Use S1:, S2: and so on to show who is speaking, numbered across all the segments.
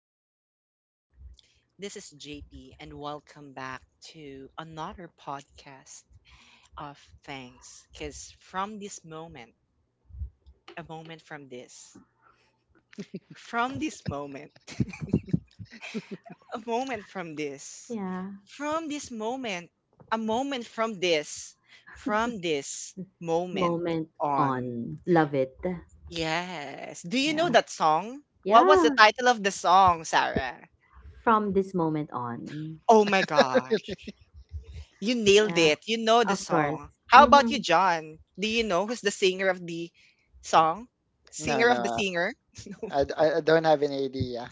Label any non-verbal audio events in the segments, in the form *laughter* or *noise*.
S1: Hello, this is JP, and welcome back to another podcast of thanks. Because from this moment, a moment from this moment, *laughs* a moment
S2: Yeah.
S1: from this moment, a moment from this moment
S2: Moment
S1: on.
S2: on. Love it.
S1: Yes. Do you know
S2: Yeah.
S1: that song? What was the
S2: Yeah.
S1: title of the song, Sarah?
S2: From this moment on.
S1: Oh my gosh. You nailed
S2: Yeah.
S1: it. You know the
S2: Of
S1: song.
S2: course.
S1: How about you,
S2: Mm-hmm.
S1: John? Do you know who's the singer of the song?
S3: No,
S1: Singer of the
S3: no,
S1: singer?
S3: I, I don't have any idea.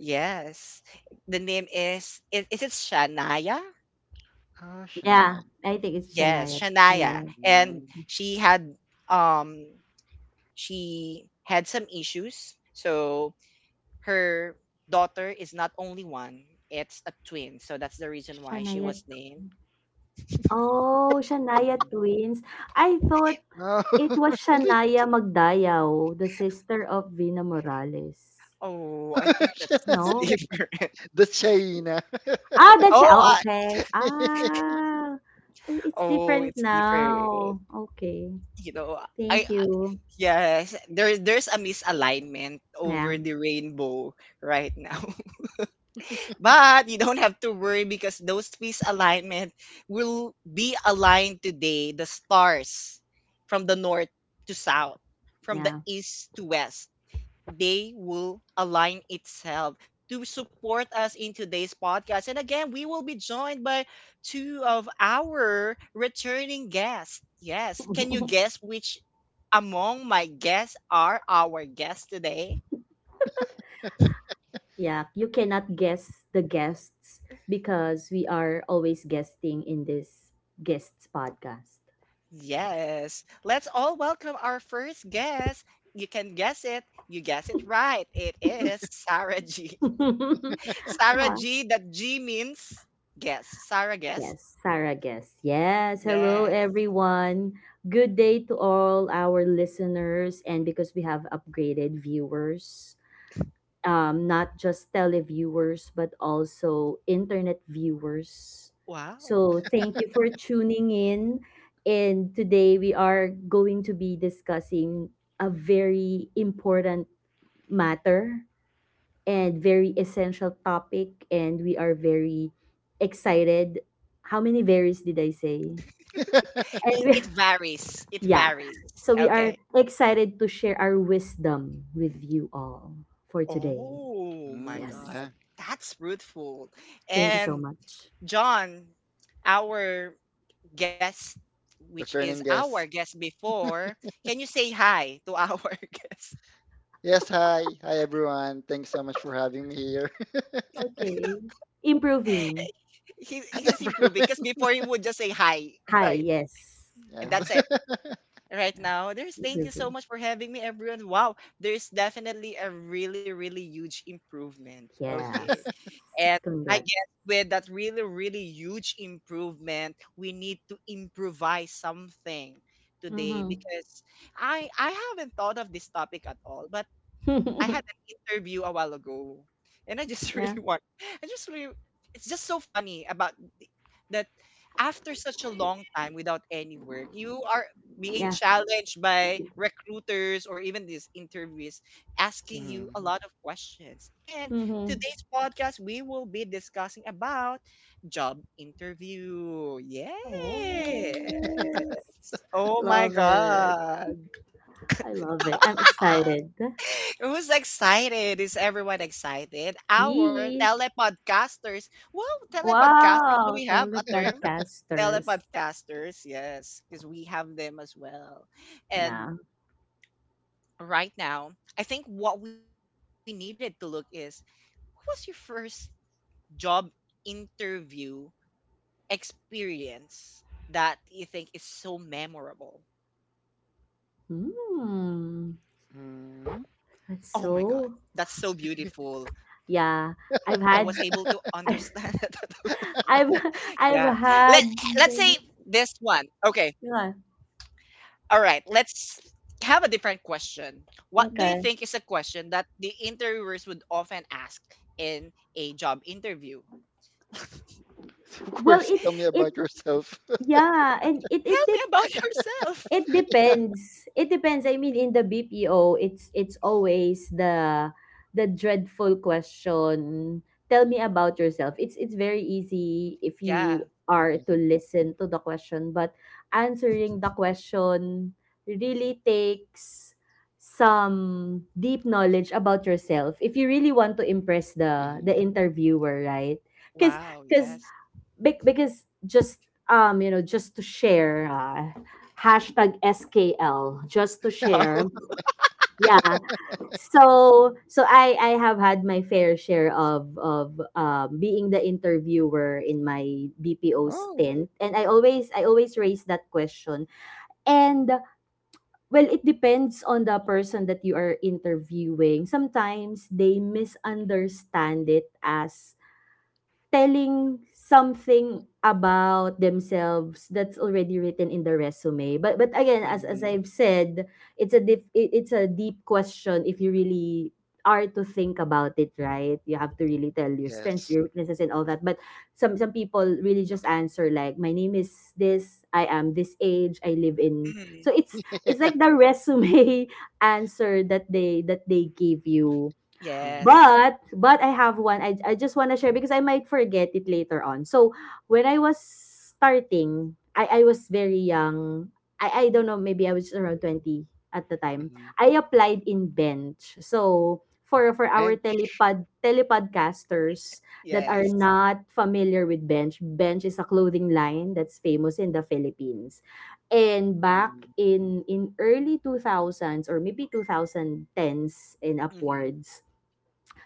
S1: Yes. The name is is it Shania?
S3: Oh,
S2: Yeah.
S3: Shania.
S2: I think it's
S1: Yes,
S2: Shania.
S1: Shania.
S2: Shania.
S1: And
S3: Mm,
S1: um she had some issues. So her daughter is not only one, it's a twin. So that's the reason why she
S2: Shania.
S1: was named.
S2: Oh, Shania
S3: mm.
S2: twins. I thought
S3: Oh,
S2: it
S3: *laughs*
S2: was
S3: really?
S2: Shania Magdayaw, the sister of Vina Morales.
S1: Oh, I think that's
S3: *laughs*
S1: *laughs*
S2: No?
S1: different.
S3: The China.
S2: Ah, that's it.
S1: Oh,
S2: Oh,
S1: I,
S2: okay.
S3: *laughs*
S2: Ah. Oh, it's
S1: oh,
S2: different
S1: it's different.
S2: now. Okay.
S1: you know, I
S2: Thank
S1: I-
S2: you.
S1: yes, there's a misalignment
S2: Yeah.
S1: over the rainbow right now. *laughs* But you don't have to worry because those misalignment will be aligned today, the stars from the north to south, from the
S2: Yeah.
S1: east to west. They will align itself to support us in today's podcast. And again, we will be joined by two of our returning guests. Yes. Can you
S2: *laughs*
S1: guess which among my guests are our guests today?
S2: Yeah, you cannot guess the guests because we are always guesting in this guests podcast.
S1: Yes. Let's all welcome our first guest. You can guess it. You guess it right. It is Sarah G.
S2: *laughs*
S1: *laughs* Sarah
S2: Huh.
S1: G. That G means guess. Sarah guess.
S2: Yes, Sarah guest. Yes, hello
S1: Yes.
S2: everyone. Good day to all our listeners, and because we have upgraded viewers, not just televiewers, but also internet viewers.
S1: Wow.
S2: So, thank you for tuning in. And today we are going to be discussing a very important matter and very essential topic. And we are very excited. How many varies did I say? And we,
S1: It varies. It
S2: *laughs* yeah,
S1: varies.
S2: so we are
S1: Okay.
S2: excited to share our wisdom with you all for today.
S1: Oh my
S2: Yes.
S1: God.
S3: Yeah,
S1: That's fruitful.
S2: Thank you so
S1: And
S2: much.
S1: John, our guest, which is
S3: returning
S1: our
S3: guest.
S1: guest before, can you say hi to our *laughs* guest?
S3: Yes, hi. Hi, everyone. Thanks so much for having me here. *laughs*
S2: Okay. Improving.
S1: He's improving because
S3: Everyone.
S1: before he would just say hi, *laughs*
S2: Hi,
S1: right?
S2: yes.
S3: Yes.
S1: And
S2: Yeah.
S1: that's
S3: *laughs*
S1: it. Right
S2: Yeah.
S1: now, there's thank you so
S2: Improving.
S1: much for having me, everyone. Wow, there's definitely a really, really huge improvement. Okay.
S2: Yes.
S1: And I guess
S2: Congrats.
S1: with that really, really huge improvement, we need to improvise something today
S2: Mm-hmm.
S1: because I haven't thought of this topic at all, but I had an
S2: *laughs*
S1: interview a while ago, and I just *laughs* really
S2: Yeah.
S1: want. I just really. It's just so funny about th- that after such a long time without any work, you are being
S2: Yeah.
S1: challenged by recruiters or even these interviewees asking you
S3: hmm
S1: a lot of questions. And
S2: Mm-hmm.
S1: today's podcast, we will be discussing about job interview. Yes.
S2: Oh,
S1: Oh my
S2: love it.
S1: God.
S2: I love it. I'm excited.
S1: Who's excited? Is everyone excited? Our
S2: Yee.
S1: telepodcasters. Wow, telepodcasters. Do
S2: Wow.
S1: we have
S2: Tell the
S1: a term?
S2: podcasters.
S1: Telepodcasters, yes, because we have them as well. And
S2: Yeah.
S1: right now, I think what we needed to look is what was your first job interview experience that you think is so memorable?
S2: Hmm.
S3: hmm
S1: Oh my
S2: That's
S1: God, that's
S2: so,
S1: so beautiful.
S2: yeah.
S1: I
S2: I've
S1: was able
S2: had
S1: to
S2: *laughs*
S1: understand *laughs* it.
S2: I've
S1: Yeah.
S2: I've
S1: Let
S2: had
S1: let's say
S2: many.
S1: this one. Okay.
S2: Yeah.
S1: All right. Let's have a different question. What do you
S2: Okay.
S1: think is a question that the interviewers would often ask in a job interview?
S3: So, of
S2: Well,
S3: course,
S2: it
S3: tell me
S2: it
S3: about yourself. *laughs*
S2: yeah, and
S1: Tell me about *laughs* yourself.
S2: it depends. It depends. I mean, in the BPO, it's always the dreadful question. Tell me about yourself. It's very easy if you
S1: Yeah.
S2: are to
S3: hmm
S2: listen to the question, but answering the question really takes some deep knowledge about yourself if you really want to impress the
S3: hmm
S2: interviewer, right? Because
S1: Wow.
S2: because
S1: Yes.
S2: because just just to share, #skl, just to
S1: *laughs*
S2: share.
S1: Wow.
S2: Yeah, so I have had my fair share of being the interviewer in my BPO
S3: Oh.
S2: stint, and I always raise that question. And well, it depends on the person that you are interviewing. Sometimes they misunderstand it as telling something about themselves that's already written in the resume, but but again, as
S3: hmm
S2: I've said, it's a deep question if you really are to think about it, right? You have to really tell your strengths,
S3: Yes.
S2: your weaknesses, and all that. But some people really just answer like, my name is this, I am this age, I live in. So
S1: Mhm.
S2: it's
S3: *laughs*
S2: like the resume *laughs* answer that they give you.
S3: hmm
S1: Yes.
S2: But I have one. I just want to share because I might forget it later on. So when I was starting, I was very young. I don't know. Maybe I was around 20 at the time.
S3: hmm
S2: I applied in bench. So for our
S3: Bench.
S2: telepodcasters that are
S1: Yes.
S2: not familiar with bench, bench is a clothing line that's famous in the Philippines. And back in early 2000s or maybe 2010s and
S1: Hmm.
S2: upwards,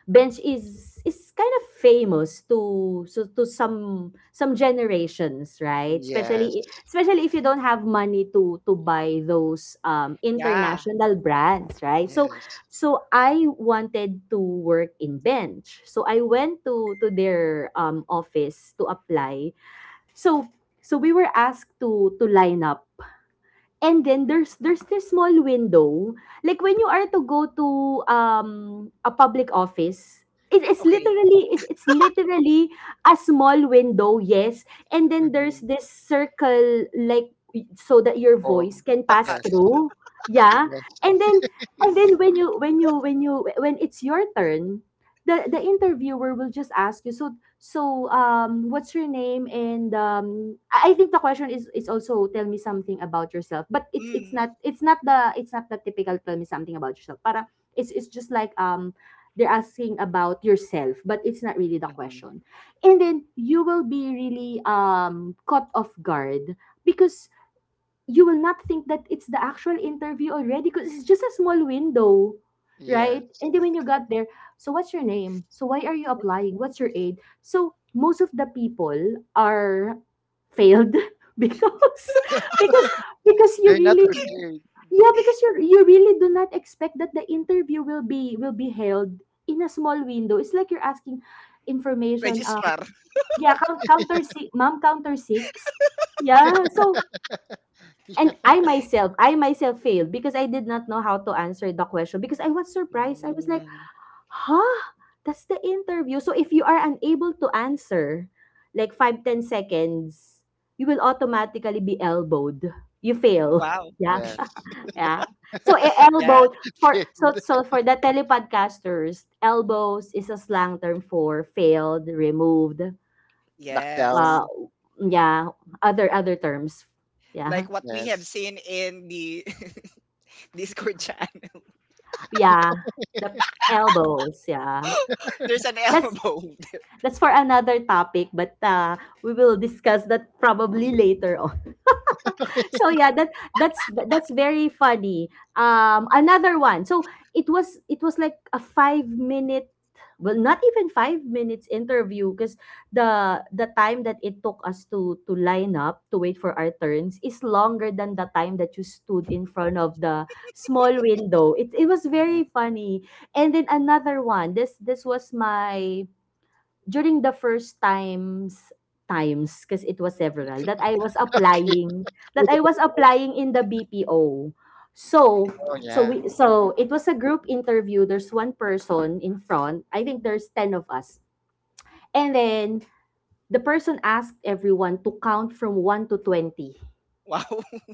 S2: bench is kind of famous to, so to some generations, right?
S3: Yes,
S2: Especially if you don't have money to buy those
S1: Yeah.
S2: international brands, right? So,
S3: yes.
S2: I wanted to work in bench, so I went to their office to apply. So, we were asked to line up. And then there's this small window, like when you are to go to a public office. it, it's
S1: Okay.
S2: literally it's, it's literally a small window, yes. And then
S3: Mm-hmm.
S2: there's this circle, like so that your
S3: All.
S2: voice can
S1: The
S2: pass
S1: cut.
S3: Yes,
S2: through. Yeah.
S3: yes.
S2: And then and then when you, when it's your turn, the interviewer will just ask you, so, what's your name? And I think the question is also, tell me something about yourself. But it's it's
S1: Mm.
S2: not it's not the it's not the typical tell me something about yourself. Para it's just like, they're asking about yourself, but it's not really the
S3: Mm-hmm.
S2: question. And then you will be really caught off guard because you will not think that it's the actual interview already, because it's just a small window, right?
S3: Yes.
S2: And then when you got there, so what's your name? So why are you applying? What's your age? So most of the people are failed *laughs* because because because you
S3: They're not
S2: really,
S3: prepared.
S2: yeah, because you really do not expect that the interview will be held in a small window. It's like you're asking information,
S1: Registrar.
S2: yeah,
S3: *laughs*
S2: counter six ma'am, counter six, yeah. So, and
S3: Yeah.
S2: I myself failed because I did not know how to answer the question because I was surprised. I was like,
S3: Mm-hmm.
S2: huh? That's the interview. So if you are unable to answer, like, 5-10 seconds, you will automatically be elbowed. You
S3: mm-hmm.
S2: fail. *laughs*
S1: Wow.
S2: Yeah.
S3: Yes.
S2: Yeah. So,
S1: Yeah.
S2: elbowed.
S3: *laughs*
S2: For,
S3: Failed.
S2: for the telepodcasters, elbows is a slang term for failed, removed,
S3: Knocked
S1: Yes.
S2: uh
S3: down.
S2: yeah, other terms. Yeah.
S1: Like what we
S3: Yes.
S1: have seen in the *laughs* Discord chat.
S2: Yeah, the
S3: *laughs*
S2: elbows, yeah.
S1: *laughs* There's an
S2: That's
S1: elbow. *laughs*
S2: that's for another topic, but we will discuss that probably later on.
S3: Okay.
S2: So yeah, that's very funny. Another one. So it was like a 5-minute, well, not even 5 minutes interview, because the time that it took us to line up to wait for our turns is longer than the time that you stood in front of the small window. It was
S3: Mm-hmm.
S2: very funny. And then another one. This was my, during the first times, because it was several that I was
S3: Okay.
S2: applying,
S3: With the pro-
S2: in the BPO. So
S3: Oh,
S2: so
S3: yeah.
S2: we so it was a group interview. There's one person in front. I think there's 10 of us. And then the person asked everyone to count from 1 to 20.
S1: Wow.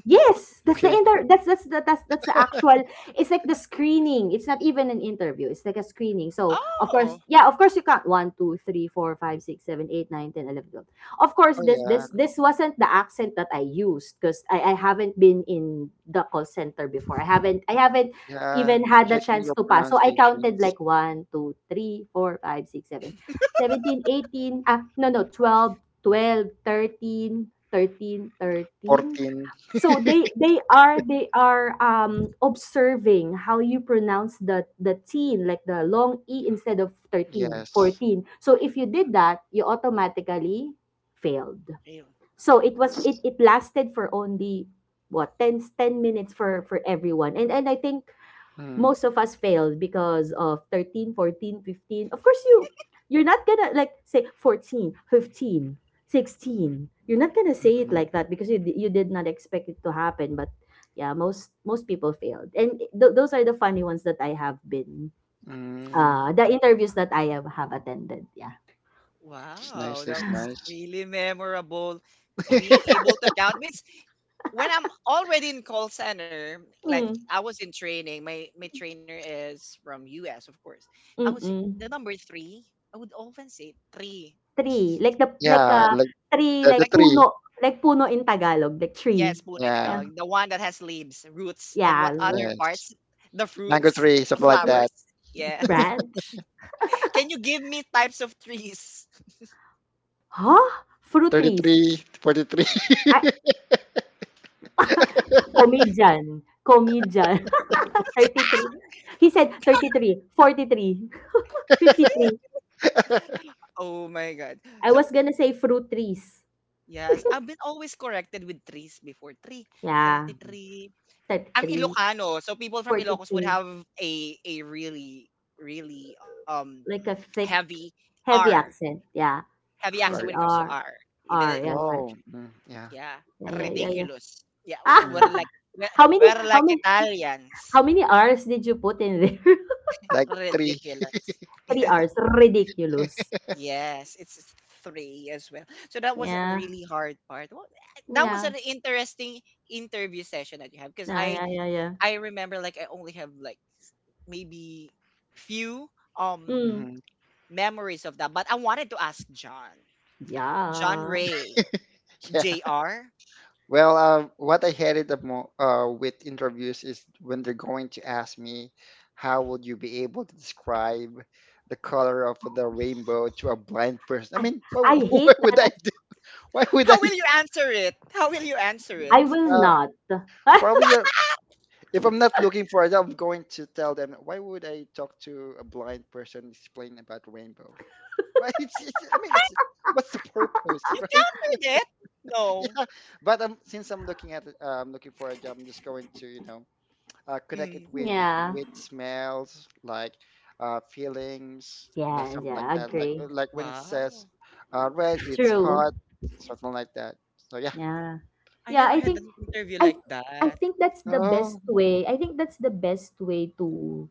S2: Yes, that's the
S3: Okay.
S2: inter that's the actual. It's like the screening. It's not even an interview. It's like a screening. So of course,
S1: Oh,
S2: yeah, of course you count one, two, three, four, five, six, seven, eight, nine, 10, 11, 12. Of
S3: Oh,
S2: course, this
S3: yeah.
S2: this this wasn't the accent that I used because I haven't been in the call center before. I haven't
S3: Yeah.
S2: even had the
S3: Checking your
S2: chance to pass. So I counted
S3: pronunciations.
S2: like one, two, three, four, five, six, seven, 17, 18. No, no, 12, 12, 13, 13, 13.
S3: 14.
S2: So they are observing how you pronounce the teen, like the long e, instead of thirteen
S3: Yes.
S2: fourteen. So if you did that, you automatically failed.
S1: real.
S2: So it was it it lasted for only, what, 10 10 minutes for everyone. And I think
S3: Mm-hmm.
S2: most of us failed because of 13, 14, 15. Of course you're not gonna, like, say 14, 15, 16. You're not gonna say it
S3: Mm-hmm.
S2: like that because you did not expect it to happen. But yeah, most people failed, and those are the funny ones that I have been,
S3: Mm.
S2: the interviews that have attended. Yeah.
S3: It's
S1: Wow,
S3: nice. It's
S1: that's
S3: nice.
S1: really memorable. Being
S3: *laughs*
S1: able to count means when I'm already in call center, like
S2: Mm,
S1: I was in training, my trainer is from US, of course. I would say
S2: mm-mm.
S1: the number three, I would often say three.
S2: Three, like the like
S3: Yeah. Like
S2: three,
S3: the
S1: Like
S2: like
S3: three.
S2: puno, like puno in tagalog, like tree.
S1: yes, puno in
S3: Yeah,
S2: Yeah.
S1: Tagalog, the one that has leaves, roots, and what
S2: Yes.
S1: other
S3: yes.
S1: parts? The
S3: Mango
S1: fruits,
S3: tree,
S1: the
S3: something
S2: The
S3: like that.
S1: flowers.
S2: fruits,
S1: Yes. *laughs*
S2: branch.
S1: Can you give me types of trees?
S2: Huh? Fruities.
S3: 33, 43. *laughs*
S2: Ah,
S3: 43.
S2: comedian. Comedian. *laughs* 33. He said 33, 43, *laughs* 53.
S1: Oh my God.
S2: I
S1: So,
S2: was gonna say fruit trees.
S1: yes, I've been always corrected with trees before. Tree,
S2: Yeah.
S3: Mhm.
S1: 33. I'm
S2: 33
S1: Ilocano, so people from Ilocos would
S2: 43.
S1: have a really really
S2: Like a thick,
S1: heavy R,
S2: heavy accent. Yeah.
S1: heavy accent when it
S2: Heavy
S3: Heart. *laughs*
S1: comes to
S2: R.
S1: R. Even i-
S2: R. Yeah, yeah.
S3: Oh, yeah.
S1: yeah,
S2: Yeah, yeah, yeah, yeah.
S1: ridiculous. Yeah,
S2: Ah,
S3: Mhm.
S2: how many,
S1: we're
S2: how
S1: like
S2: many,
S1: Italians.
S2: how many R's did you put in there? *laughs*
S3: Like three.
S1: Ridiculous.
S2: Three R's. Ridiculous.
S1: Yes, it's three as well. So that was a
S2: Yeah.
S1: really hard part. Well, that was
S2: Yeah.
S1: an interesting interview session that you have because
S2: Yeah, yeah, yeah, yeah.
S1: I remember like I only have like maybe few
S2: Mm.
S1: um
S3: hmm
S1: memories of that. But I wanted to ask John. John
S2: Yeah.
S1: Ray.
S3: *laughs* Yeah.
S1: JR.
S3: Well, what I hated the mo with interviews is when they're going to ask me, how would you be able to describe the color of the rainbow to a blind person? I
S2: I
S3: mean, why,
S2: I
S3: *laughs* why
S2: hate that.
S3: would I do? Why would I?
S1: How will you answer it? How will you answer it?
S2: I will
S3: Uh,
S1: *laughs*
S2: not. *laughs*
S3: probably
S1: Ah,
S3: If I'm not looking for a job, I'm going to tell them, why would I talk to a blind person explain about rainbow? *laughs* Right? I mean, it's, what's the purpose, *laughs*
S1: you
S3: right?
S1: countered it. No.
S3: Yeah. But since I'm looking at it, looking for a job, I'm just going to, you know, connect it
S1: Mm.
S2: Yeah.
S3: with smells, like feelings, like
S2: Yeah,
S3: something like
S2: yeah,
S3: that.
S2: agree.
S3: Like when it says
S1: Wow.
S3: red, it's
S2: True.
S3: hot, something like that. So yeah.
S2: Yeah.
S1: I
S2: Yeah,
S1: never had an interview
S2: I
S1: like
S2: I
S1: that.
S2: think that's the best
S3: Oh,
S2: way. I think that's the best way to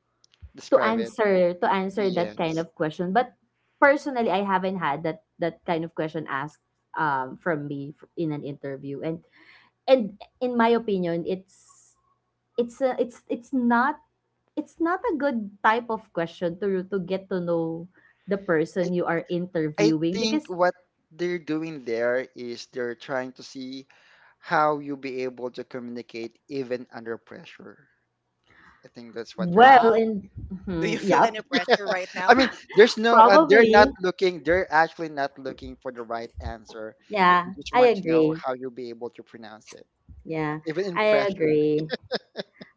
S2: to
S3: describe it.
S2: answer that kind
S3: Yes.
S2: of question. But personally, I haven't had that kind of question asked, from me, in an interview. And in my opinion, it's a, it's it's not a good type of question to get to know the person you are
S3: I
S2: interviewing,
S3: think
S2: because,
S3: what they're doing there is they're trying to see how you'll be able to communicate even under pressure. I think that's what they're
S2: well,
S3: doing.
S1: Wow.
S2: and
S1: Do
S2: mhm,
S1: you feel
S2: yep,
S1: any pressure
S3: *laughs*
S1: right
S3: I
S1: now?
S3: mean, there's no, they're not
S2: probably.
S3: looking, they're actually not looking for the right answer. They
S2: Yeah,
S3: just
S2: I
S3: want to know
S2: agree.
S3: how you'll be able to pronounce it. Yeah,
S2: Yeah,
S3: even in
S2: I
S3: pressure.
S2: agree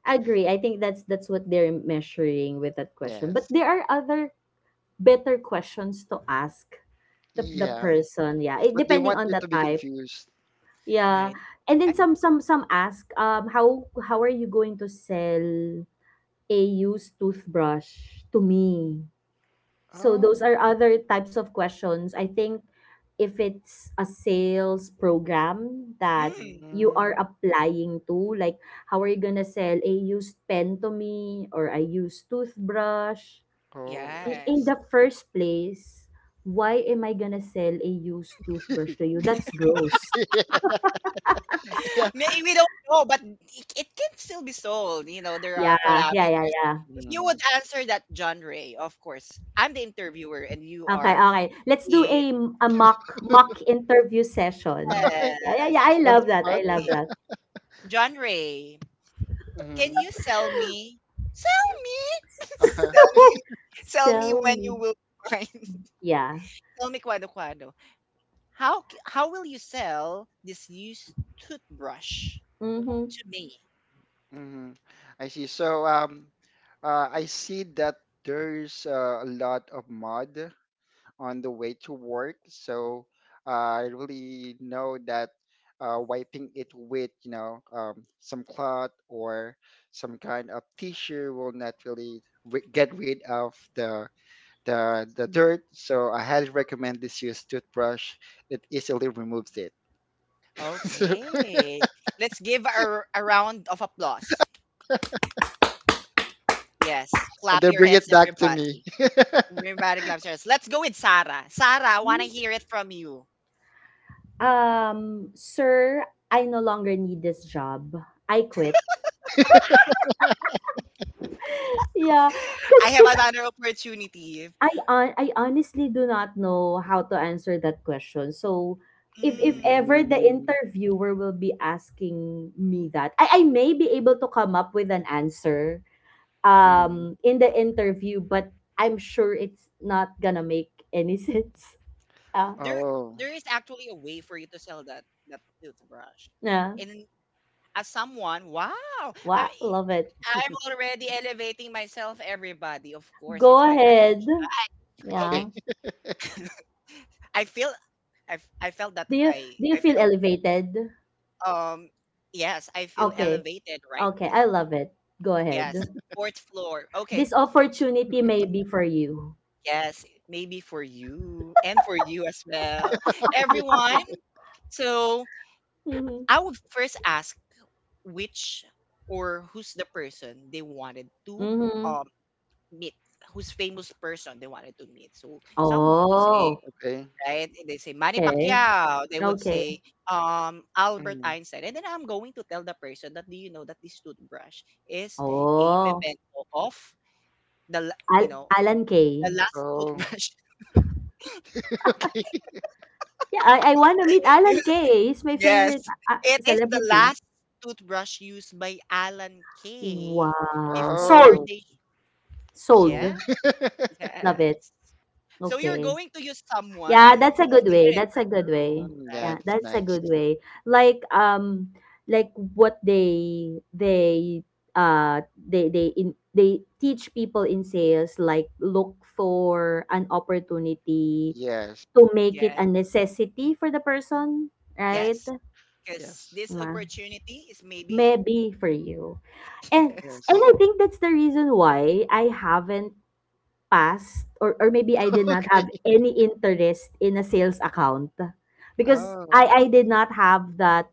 S2: agree I think that's what they're measuring with that question, but
S3: Yes.
S2: there are other better questions to ask the,
S1: *laughs*
S2: the
S3: Yeah.
S1: Not-
S2: person. Yeah, it,
S3: But they
S2: depending
S3: want
S2: on
S3: you
S2: the
S3: to be
S2: type.
S3: confused.
S2: Yeah,
S1: Right.
S2: and
S1: I,
S2: then
S3: Mm.
S2: some ask, how are you going to sell a used toothbrush to me? So those
S3: Oh.
S2: are other types of questions. I think if it's a sales program that
S1: mm,
S2: you are
S3: mm,
S2: applying to, like, how are you gonna sell a used pen to me or a used toothbrush?
S3: Oh, I
S2: In
S1: yes.
S3: see.
S2: the first place, why am I gonna sell a used toothbrush to you? That's
S3: *laughs*
S2: gross.
S3: yeah. yeah.
S1: May we don't know, but it can still be sold. You know, there are
S2: Yeah, yeah, yeah,
S1: parameters.
S2: yeah.
S1: If you
S3: Mm.
S1: would answer that, John Ray, of course, I'm the interviewer and you
S2: Okay,
S1: are
S2: okay. Let's do
S1: the.
S2: a mock interview session.
S3: *laughs*
S2: Yeah, yeah,
S1: Yes.
S2: yeah. I
S3: On
S2: love that.
S3: spot.
S2: I love
S1: Okay.
S2: that.
S1: John Ray,
S3: Mm-hmm.
S1: can you sell me? Sell me? *laughs* sell
S3: *laughs*
S1: me. Sell me
S2: Sell
S1: when you
S2: me.
S1: will find. *laughs*
S2: Yeah.
S1: Sell me kwado kwado. How will you sell this used toothbrush
S2: Mm-hmm.
S1: to me?
S3: hmm I see. So I see that there's a lot of mud on the way to work. So I really know that wiping it with, you know, some cloth or some kind of tissue will not really get rid of the dirt. So I highly recommend this use toothbrush. It easily removes it. *laughs* So-
S1: Okay. Let's give a round of applause. Yes.
S3: and
S1: Clap
S3: then
S1: your
S3: bring
S1: hands,
S3: it back to
S1: everybody.
S3: me.
S1: Everybody claps your hands. Let's go with Sarah. Sarah, I want to hear it from you.
S2: Sir, I no longer need this job. I quit. Yeah,
S1: *laughs* I
S2: because
S1: have
S2: because
S1: another opportunity.
S2: I honestly do not know how to answer that question. So if
S3: *laughs*
S1: Mm,
S2: ever the
S3: Mm.
S2: interviewer will be asking me that, I may be able to come up with an answer
S3: Mm.
S2: in the interview, but I'm sure it's not gonna make any *laughs* sense. Yeah.
S1: there,
S3: Oh,
S1: there is actually a way for you to sell that toothbrush.
S2: Yeah.
S1: And as someone, wow,
S2: Wow,
S1: I,
S2: love it.
S1: I'm already elevating myself. Everybody, of course,
S2: Go
S1: it's my time.
S2: ahead.
S3: okay.
S1: Okay,
S2: Yeah.
S1: I feel I felt that
S2: do you do you
S1: I
S2: feel
S1: failed.
S2: elevated?
S1: Um, yes, I feel
S2: Okay.
S1: elevated right
S2: Okay, I
S1: now.
S2: love it. Go
S1: Yes,
S2: ahead.
S1: fourth floor. Okay.
S2: This opportunity may be for you.
S1: Yes, maybe for you and for you as well.
S3: *laughs*
S1: Everyone. So
S2: Mm-hmm.
S1: I would first ask which or who's the person they wanted to
S2: Mm-hmm.
S1: um meet, who's famous person they wanted to meet. So someone would say
S2: Oh,
S3: Okay.
S1: right? They say Manny
S2: okay.
S1: Pacquiao. They would
S2: Okay.
S1: say Albert
S3: Mm.
S1: Einstein. And then I'm going to tell the person that do you know that this toothbrush is a
S2: Oh,
S1: memento of you know
S2: Alan Kay.
S1: the last
S3: Oh,
S1: toothbrush.
S3: *laughs* okay.
S2: Yeah, I want to meet
S1: *laughs*
S2: Alan
S1: used-
S2: Kay, he's my
S1: yes,
S2: favorite
S1: it is the
S2: celebrity.
S1: last toothbrush used by Alan Kay
S2: Wow.
S1: before
S2: Sold.
S3: Oh,
S1: they.
S2: Sold.
S3: so
S1: Yeah,
S3: *laughs*
S2: Love
S1: yes.
S2: it.
S1: So you're
S2: Okay.
S1: going to use
S2: Yeah, that's
S1: someone.
S2: a
S1: So
S2: good
S1: di ba,
S2: way.
S1: it's
S2: That's
S1: not
S2: a good
S1: true,
S2: way.
S3: yeah,
S1: right?
S2: Yeah,
S3: that's
S2: that's a
S3: nice.
S2: good way. Like um like what they they in they teach people in sales, like look for an opportunity
S3: Yes.
S2: to make it
S1: Yeah,
S2: a necessity for the person,
S3: Yes.
S2: right?
S1: yes. Because
S3: Yes.
S1: this
S2: Ma-
S1: opportunity is maybe
S2: Maybe for you.
S1: *laughs*
S2: And
S1: Yes.
S2: and
S3: Yes.
S2: I think that's the reason why I haven't past or maybe I did not have
S3: *laughs*
S2: any interest in a sales account, because I
S3: Oh,
S2: I
S3: I
S2: did not
S3: see.
S2: have that.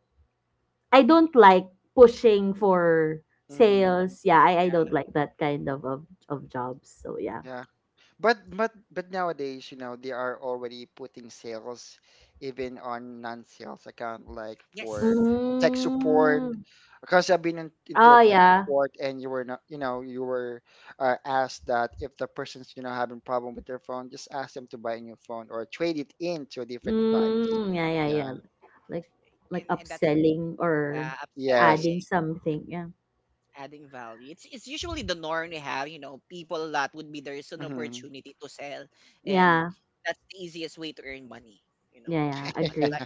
S2: I don't like pushing for
S3: Mm-hmm.
S2: sales. Yeah, I
S1: Yeah.
S2: don't like that kind of jobs. So yeah.
S3: Yeah, but nowadays, you know, they are already putting sales even on non-sales account, like for
S1: Yes.
S3: tech support.
S2: Mm.
S3: Because I've been in, into a
S2: Oh
S3: tech
S2: yeah.
S3: support, and you were not, you know, you were asked that if the person's, you know, having problem with their phone, just ask them to buy a new phone or trade it in to a different device.
S2: Mm, yeah, yeah,
S3: Yeah.
S2: yeah. Like like
S1: And that's
S2: upselling or
S1: yeah,
S3: Yes.
S1: upselling,
S2: adding something. Yeah.
S1: adding value. It's usually the norm we have, you know, people that would be there is an
S3: Mm-hmm.
S1: opportunity to sell and
S2: Yeah.
S1: that's the easiest way to earn money, you know,
S2: Yeah, yeah.
S1: earn money.
S2: Agree.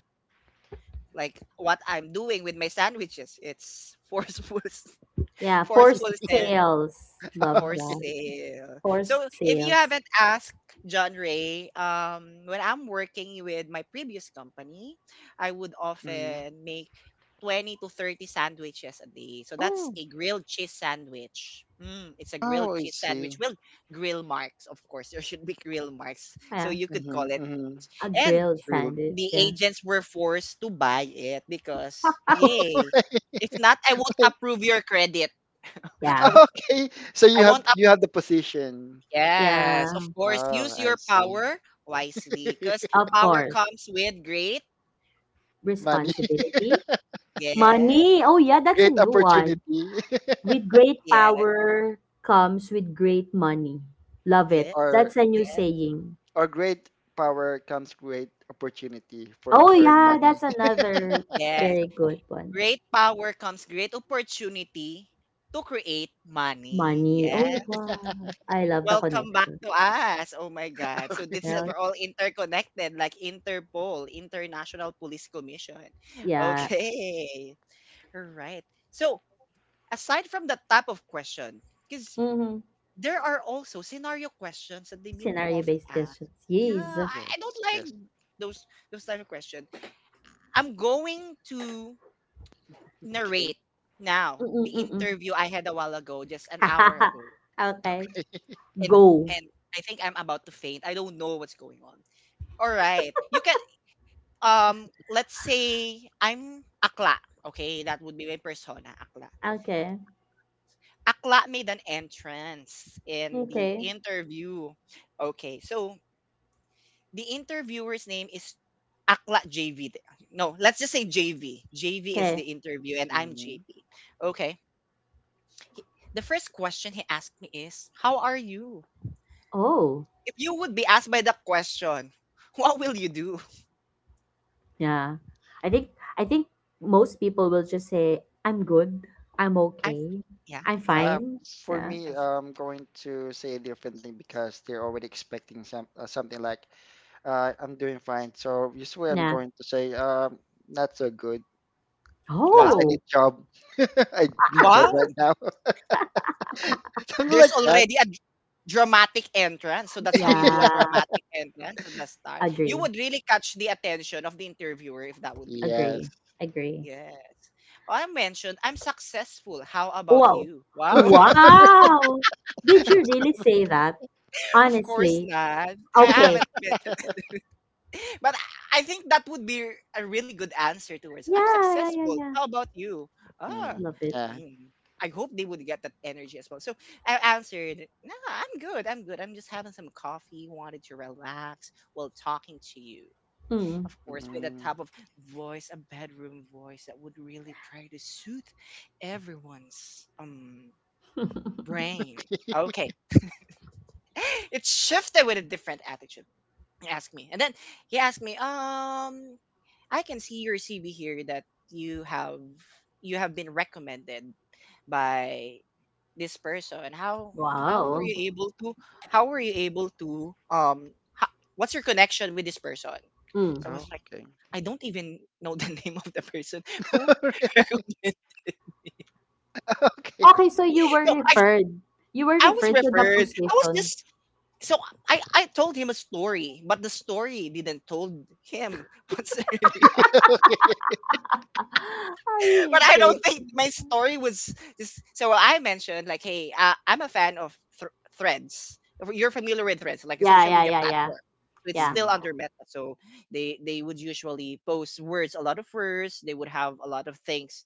S1: Like what I'm doing with my sandwiches. It's forceful *laughs*
S2: Yeah, forced
S1: forceful sell
S2: sales. Love
S1: for
S3: *laughs*
S2: that.
S1: sale. So
S2: Forced
S1: if you
S2: sales.
S1: haven't asked John Ray, when I'm working with my previous company, I would
S3: hmm
S1: often make 20 to 30 sandwiches a day. So that's
S3: Oh.
S1: a grilled cheese sandwich. Mm, it's a grilled
S3: Oh, I
S1: cheese sandwich
S3: see.
S1: with grill marks, of course. *laughs* There should be grill marks. So
S2: Yeah.
S1: you could
S3: Mm-hmm.
S1: call it grilled
S3: Mm-hmm.
S1: cheese.
S2: A
S1: And
S2: grilled
S3: Real.
S1: the
S2: sandwich, yeah.
S1: agents were forced to buy it because, yay. If not,
S3: *laughs*
S1: I won't approve your credit. *laughs*
S2: Yeah.
S3: *laughs* Okay, so you
S1: I
S3: have
S1: won't
S3: you have the position.
S1: Yes, of
S2: Yeah.
S1: course.
S3: Oh,
S1: Use
S3: I
S1: your
S3: see.
S1: power wisely because
S3: *laughs*
S2: Of
S1: power
S2: course.
S1: comes with great.
S3: Money, *laughs*
S2: Responsibility.
S1: Yeah,
S2: Money. Oh, yeah, that's a
S3: great
S2: new one.
S3: opportunity, *laughs*
S2: With great
S1: yeah,
S2: power comes with great money. Love it.
S1: yes,
S3: or
S2: That's a new
S1: yes,
S2: saying.
S3: or great power comes great opportunity for
S2: Oh,
S3: to earn
S2: yeah,
S3: money.
S2: that's another
S1: yes.
S2: very good one.
S1: Great power comes great opportunity to create money.
S2: Money.
S1: Yeah.
S2: Oh, wow.
S3: *laughs*
S2: I love the
S1: Welcome back
S2: connection.
S1: to us. Oh my God. So this is
S3: Okay.
S2: Well,
S1: we're all interconnected, like Interpol, International Police Commission. *laughs*
S2: yeah.
S1: Okay. All right. So aside from the type of question, because
S2: Mm-hmm.
S1: there are also scenario questions that they've been often
S2: Scenario-based
S1: asked.
S2: questions. Yes.
S1: I don't
S3: Yes,
S1: like
S3: yes.
S1: those those type of questions. I'm going to narrate
S3: Okay.
S1: now the
S2: Mm-mm-mm-mm.
S1: interview I had a while ago, just an hour ago,
S2: *laughs* Okay.
S3: *laughs*
S1: and
S2: Go.
S1: and I think I'm about to faint. I don't know what's going on. All right, you can let's say I'm akla. Okay, that would be my persona, akla.
S2: Okay.
S1: Akla made an entrance in the
S2: Okay.
S1: interview. Okay, so the interviewer's name is Akla JV. th- No, let's just say JV. JV is the
S2: Okay.
S1: interview, and I'm
S3: hmm
S1: JP. Okay. He- The first question he asked me is, "How are you?"
S2: Oh,
S1: If you would be asked by the question, *laughs* what will you do?
S2: yeah. I think I think most people will just say, "I'm good. I'm
S1: I'm,
S2: okay.
S1: yeah,
S2: I'm
S1: I'm
S3: Uh,
S1: fine.
S2: fine."
S3: for
S2: Yeah.
S3: me,
S1: I'm f-
S3: I'm going to say a different thing because they're already expecting some something like, "I'm doing fine." So usually, I'm
S2: Yeah.
S3: going to say, "Not so good." Because I
S1: wow,
S2: Oh,
S3: need job. *laughs* I need job right
S1: wow.
S3: now. *laughs* Something
S1: There's
S3: like that.
S1: already a dramatic entrance, so that's how you
S3: *laughs*
S1: do a
S2: yeah.
S1: dramatic entrance at the start. You
S2: Agree.
S1: would really catch the attention of the interviewer if that would be the
S3: Yes.
S2: Agree.
S1: case.
S2: Agree.
S1: Yes. Oh, I mentioned I'm successful. How about
S2: Wow.
S1: you? Wow. *laughs*
S2: Wow. Did you really say that?
S1: Of course
S2: Honestly.
S1: not. I
S2: Okay.
S1: haven't mentioned
S3: *laughs*
S1: it. *laughs* But I think that would be a really good answer towards I'm
S2: Yeah, yeah, yeah,
S1: successful.
S2: yeah.
S1: How about you? Ah,
S3: Mm,
S2: Love it.
S3: yeah.
S1: mm, I hope they would get that energy as well. So I answered, No, I'm good. I'm good. I'm just having some coffee, wanted to relax while talking to you.
S2: Mm.
S1: Of course, with a
S3: Mm.
S1: type of voice, a bedroom voice that would really try to soothe everyone's brain.
S3: *laughs*
S1: Okay. *gasps* *laughs* It shifted with a different attitude. He asked me, and then he asked me, I can see your CV here that you have you have been recommended by this person. How were
S2: Wow.
S1: you able to how were you able to ho- what's your connection with this person?"
S2: Mm.
S1: So I was
S3: Oh,
S1: like,
S3: okay.
S1: "I don't even know the *laughs* name of the person who
S3: *laughs*
S1: *laughs* recommended."
S3: okay.
S2: Okay, so you were
S1: So
S2: referred. You were
S1: I was
S2: referred to the
S1: referred. I was
S2: position.
S1: just, so I told him a story, but the story didn't told him *laughs* what's really
S3: Okay.
S1: *laughs*
S2: I
S1: but I
S2: did.
S1: don't think my story was this. So I mentioned, like, hey, I'm a fan of Threads. If you're familiar with Threads, like a
S2: Yeah,
S1: social
S2: yeah,
S1: media
S2: yeah, yeah,
S1: platform. So it's
S2: yeah.
S1: still
S3: Mm.
S1: under Meta. So they would usually post words, a lot of words. They would have a lot of things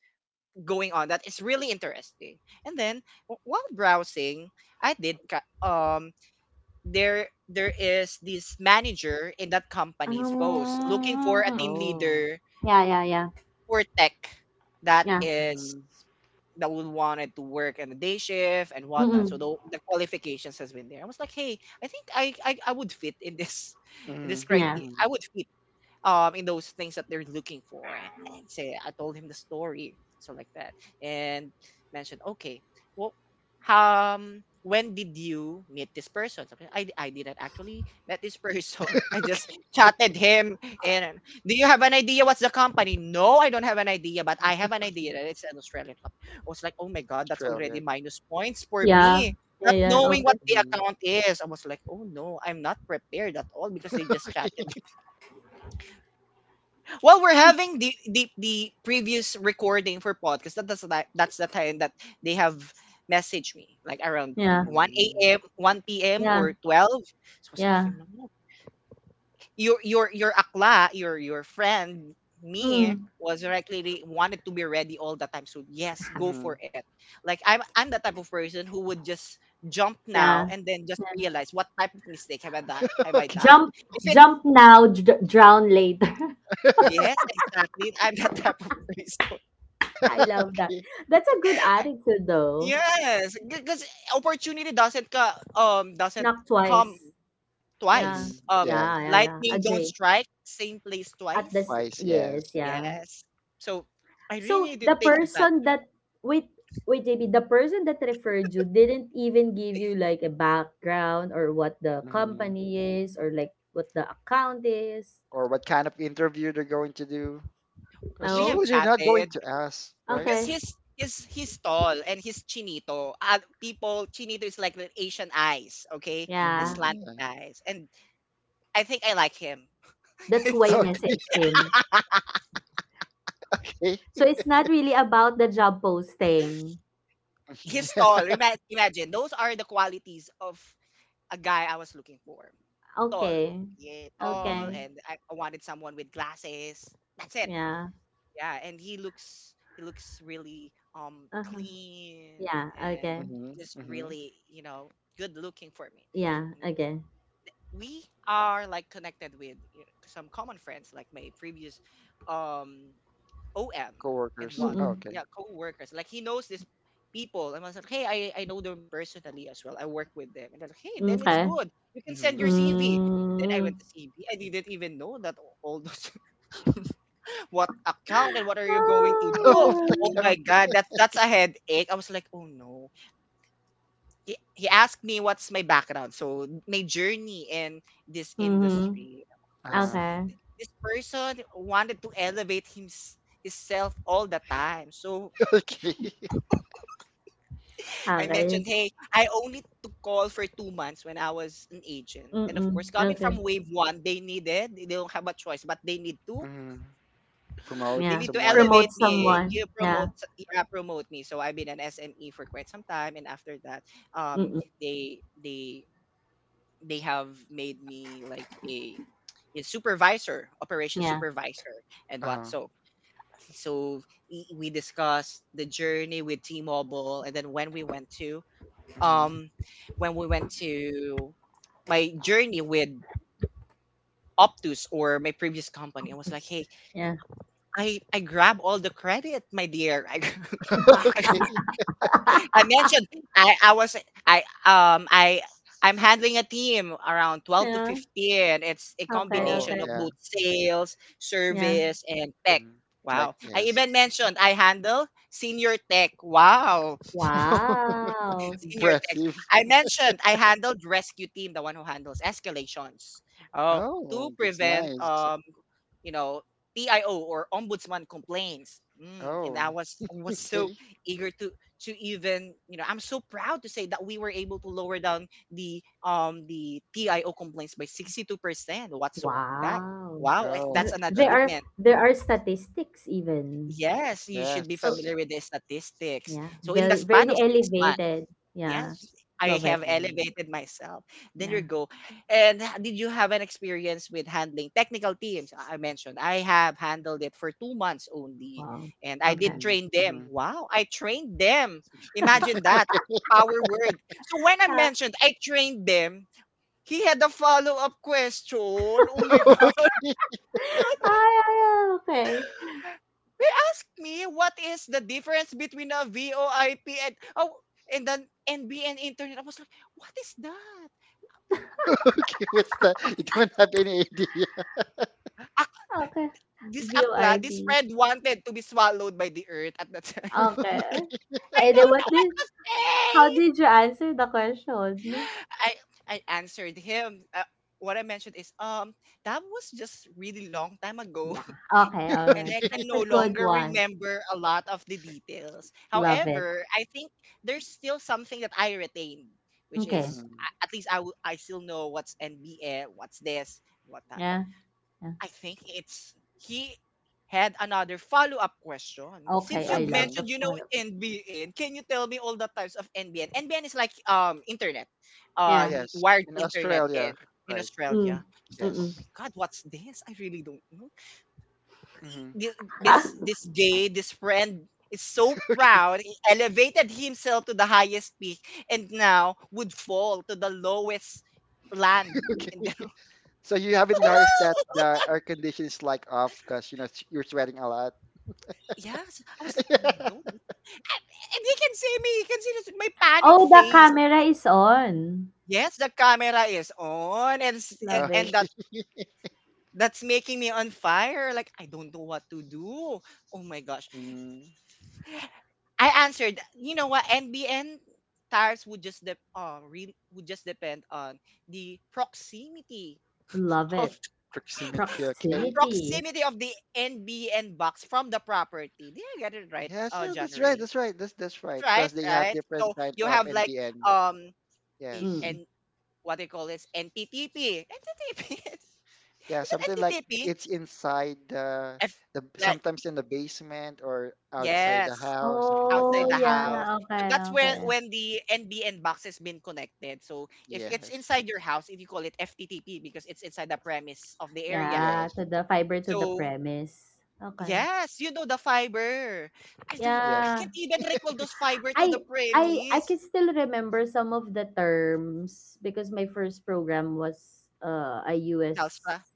S1: going on that is really interesting. And then, while browsing, I did ca- there there is this manager in that company's post looking for a
S2: Um,
S1: team
S3: Oh.
S1: leader
S2: yeah, yeah, yeah,
S1: for tech that
S2: yeah.
S1: is
S3: Mm-hmm.
S1: that would wanted to work in the day shift and whatnot.
S2: Mm-mm.
S1: So the qualifications has been there. I was like, hey, I think I would fit in this *laughs* in
S3: Mm-hmm.
S1: this
S2: Yeah,
S1: criteria.
S3: Mm-hmm.
S1: I would fit in those things that they're looking for, and say I told him the story, so like that. And mentioned, okay, well, when did you meet this person? Something, I didn't actually met this person, *laughs* I just
S3: Okay.
S1: chatted him, and do you have an idea what's the company? No, I don't have an idea, but I have an idea that it's an Australian company. I was like, oh my god, that's already
S3: Australian.
S1: minus points for
S2: yeah,
S1: me,
S2: yeah,
S1: not
S2: yeah.
S1: knowing
S3: Mm-hmm.
S2: Okay.
S1: what the
S3: Mm-hmm.
S1: account is. I was like, oh no, I'm not prepared at all because they just chatted. Well, we're having the previous recording for podcast. That's the time that they have messaged me, like around
S2: Yeah,
S1: 1
S3: Mm-hmm.
S1: a.m., 1 p.m.
S2: yeah,
S1: or 12. So I was
S2: yeah.
S1: like, "No, no." Your akla, your friend, me
S2: Mm,
S1: was directly wanted to be ready all the time. So yes, go
S3: Mm-hmm.
S1: for it. Like I'm the type of person who would just jump now
S2: yeah.
S1: and then just realize, what type of mistake have I done?
S3: *laughs*
S1: Have I done?
S3: Okay.
S2: Jump,
S1: If it's,
S2: drown later. *laughs*
S3: *laughs*
S1: yes, exactly, I'm that type of person.
S2: I love that. That's a good
S1: *laughs*
S2: attitude, though.
S1: Yes, because opportunity doesn't
S2: Knock
S1: come
S2: twice. Yeah,
S1: twice.
S3: Mm-hmm. Yes.
S2: yeah, yeah, yeah.
S1: Lightning
S3: Yes.
S1: don't
S2: Agree.
S1: strike same place
S2: At the
S1: twice.
S3: Twice. Yes.
S2: yes, yeah.
S1: Yes, so I really
S2: So
S1: need to
S2: the
S1: take advantage
S2: person
S1: of that.
S2: that wait wait, JB, the person that referred you didn't even give you like a background, or what the
S3: Mm-hmm.
S2: company is, or like what the account is.
S3: Or what kind of interview they're going to do? Because
S1: We have
S2: No?
S3: usually they're not going
S1: chatted
S3: to ask, right?
S1: because
S2: Okay.
S1: he's tall and he's chinito. People chinito is like the Asian eyes, okay, the
S3: Mm-hmm,
S2: Yeah.
S3: yeah.
S1: slanted eyes, and I think I like him. *laughs*
S2: That's why
S1: It's-
S2: you
S1: it's-
S3: Okay.
S2: messaged him.
S3: *laughs* okay.
S2: So it's not really about the job posting.
S3: *laughs*
S1: he's tall.
S3: yeah.
S1: Imagine those are the qualities of a guy I was looking for. Tall.
S2: Okay.
S1: Yeah, tall,
S3: Mm-hmm,
S2: Okay.
S1: and I wanted someone with glasses. That's it.
S2: Yeah.
S1: Yeah, and he looks really
S2: Uh-huh.
S1: clean
S2: Yeah.
S1: and
S2: Okay.
S3: mm-hmm,
S1: just
S3: mm-hmm.
S1: really good looking for me.
S2: Yeah. Okay.
S1: We are, like, connected with, some common friends, like my previous um OM. And
S3: Coworkers.
S1: what?
S3: Oh,
S2: Mm-mm.
S1: Yeah,
S3: okay.
S1: co-workers. Like he knows these people. And I was like, hey, I know them personally as well. I work with them. And they're like, hey, then it's
S2: Okay.
S1: good. You can send
S3: Mm-hmm.
S1: your CV. Then I
S2: Mm.
S1: went to CV. I didn't even know that, all those, *laughs* what account and what are you going to do?
S3: *laughs* Off the
S1: Oh
S2: Ah.
S1: my
S3: count.
S1: god, that's a headache. I was like, oh no. He asked me what's my background, so my journey in this
S2: Mm-hmm.
S1: industry. Of course,
S3: Uh-huh.
S2: Okay.
S1: this person wanted to elevate himself all the time. So
S3: *laughs* Okay.
S1: I mentioned,
S2: Okay.
S1: hey, I only took call for 2 months when I was an agent. And of
S2: Mm-mm.
S1: course, coming
S2: Okay.
S1: from wave one, they needed, they don't have a choice, but they need to,
S3: Mm-hmm. Promote
S1: they
S2: Yeah.
S1: need to
S3: someone.
S2: Promote
S1: elevate me. You
S2: someone. Yeah.
S1: promote, yeah, promote me. So I've been an SME for quite some time. And after that, um,
S2: Mm-mm.
S1: they, they, they have made me like a supervisor, operation
S2: Yeah.
S1: supervisor and what
S3: Uh-huh.
S1: so. So we discussed the journey with T-Mobile, and then when we went to
S3: Mm-hmm.
S1: um when we went to my journey with Optus or my previous company. I was like,
S2: Yes.
S1: hey,
S2: Yeah.
S1: I grab all the credit, my dear. *laughs* I,
S3: *laughs*
S2: *laughs*
S3: okay.
S1: I mentioned, I was I I I'm handling a team around 12 to
S2: Yeah.
S1: 15. It's a
S2: Okay.
S3: Oh,
S1: combination of
S2: Okay.
S3: yeah.
S1: both sales,
S2: Yeah.
S1: service, and tech.
S3: Mm. Tech,
S1: Wow. I
S3: yes.
S1: even mentioned I handle senior tech. Wow.
S3: *laughs*
S2: Wow.
S1: Senior text.
S3: Impressive.
S1: I mentioned I handled rescue team, the one who handles escalations. Oh, to
S3: Oh, that's
S1: prevent
S3: nice.
S1: you know, PIO or ombudsman complaints. And
S3: Oh,
S1: I was
S3: *laughs*
S1: so
S3: okay.
S1: eager to even, you know, I'm so proud to say that we were able to lower down the TIO complaints by 62% whatsoever. That,
S2: Wow.
S1: wow, I think that's
S2: Th-
S3: Oh,
S1: an
S2: There
S3: yeah.
S2: are
S1: achievement.
S2: there are statistics even.
S1: Yes, you should be
S2: So
S1: familiar
S3: Yes.
S1: with the statistics.
S2: yeah,
S1: So in the
S2: very
S1: span
S2: very
S1: of 6 months.
S2: elevated. Yeah.
S1: Yes, I
S2: Love
S1: have
S2: it.
S3: Mm-hmm,
S1: elevated myself. Then you
S2: Yeah.
S1: go. And did you have an experience with handling technical teams? I mentioned I have handled it for 2 months only,
S2: Wow.
S1: and I did
S2: Okay.
S3: mm-hmm,
S1: train them.
S3: mm-hmm.
S1: Wow, I trained them. Imagine that
S3: *laughs*
S1: power word. So when I
S2: Yeah.
S1: mentioned I trained them, he had a follow up question. Oh my
S3: *laughs*
S1: god.
S3: Okay,
S2: *laughs*
S1: *laughs*
S2: Ah, yeah, yeah. Okay.
S1: They asked me, what is the difference between a VOIP and, then NBN internet? I was like, what is that?
S3: *laughs* okay, what's that? You don't have any idea.
S2: Okay.
S1: This akla, this
S2: VOIP.
S1: friend wanted to be swallowed by the earth at that time.
S3: *laughs*
S2: Okay.
S3: Okay.
S1: *laughs* I
S2: And then
S1: don't
S2: what
S1: know what
S2: did
S1: to
S2: How
S1: say.
S2: did you answer the question?
S1: I I answered him. What I mentioned is, that was just really long time ago,
S2: Yeah. Okay.
S1: *laughs* and
S2: All right.
S1: I can no
S2: That's a good
S1: longer
S2: one.
S1: remember a lot of the details.
S2: Love it.
S1: However, I think there's still something that I retained, which
S2: Okay.
S1: is,
S3: Mm,
S1: at least I still know what's NBA, what's this, what that.
S2: Yeah. Yeah.
S1: I think it's he had another follow-up question.
S2: Okay.
S1: Since you
S2: I love the
S3: okay.
S1: mentioned you know
S2: photo.
S1: NBN, can you tell me all the types of NBN? NBN is, like, internet,
S2: Yeah.
S3: Yes.
S1: wired
S3: In
S1: internet
S3: Australia,
S1: in
S3: right?
S1: Australia. I
S2: Mm.
S1: was like, oh
S2: Mm-mm.
S1: my
S3: Yes.
S1: god, what's this? I really don't know. He-
S3: hmm
S1: thi- This this gay, this friend is so
S3: *laughs* Okay,
S1: proud. He elevated himself to the highest peak and now would fall to the lowest land
S3: okay.
S1: in the.
S3: *laughs* So you haven't noticed that
S1: *laughs*
S3: the air condition is like off because you know you're sweating a lot.
S1: Yes, I was
S3: *laughs*
S1: like, "Oh,
S3: Yeah.
S1: no." And he can see me, he can see this my panic
S2: Oh, the
S1: face.
S2: camera is on.
S1: Yes, the camera is on
S3: Uh,
S2: Love
S1: and
S2: it.
S1: that's making me on fire. Like I don't know what to do. Oh my gosh.
S3: mm,
S1: I answered, you know what, NBN tires would just depend on the proximity
S2: Love
S1: of
S2: it.
S1: *laughs*
S3: Proximity, okay?
S2: Proximity.
S1: proximity of the NBN box from the property. Did I get it right,
S3: yes, yeah,
S1: John
S3: that's right,
S1: Ray?
S3: that's right, that's that's
S1: It's
S3: right.
S1: right,
S3: Because they have
S1: right?
S3: different
S1: So
S3: kind
S1: you
S3: of
S1: have, like,
S3: NDN.
S1: um
S3: Yes.
S2: Mm.
S1: and what they call is NTTP. NTTP. *laughs*
S3: Yeah,
S1: Is it
S3: something like
S1: NTTP?
S3: it's inside the
S1: If
S3: the
S1: like
S3: sometimes in the basement or outside the
S1: Yes,
S3: house, something like
S1: outside
S2: Oh,
S1: the
S3: that. Yes,
S1: house.
S2: yeah.
S1: So
S2: Okay.
S1: that's where
S3: yes,
S2: Okay.
S1: when the NBN box has been connected. So if it's
S3: yes,
S1: inside your house, if you call it FTTP because it's inside the premise of the area.
S2: Yeah.
S3: yes,
S2: To the fiber to the
S1: So
S2: premise. Okay.
S1: yes, you know the fiber. I don't. I
S3: yes.
S1: can't
S2: Yeah.
S1: even recall those fiber to the
S2: I I can
S1: premise.
S2: still remember some of the terms because my first program was a U
S1: What else
S2: S.
S1: pa?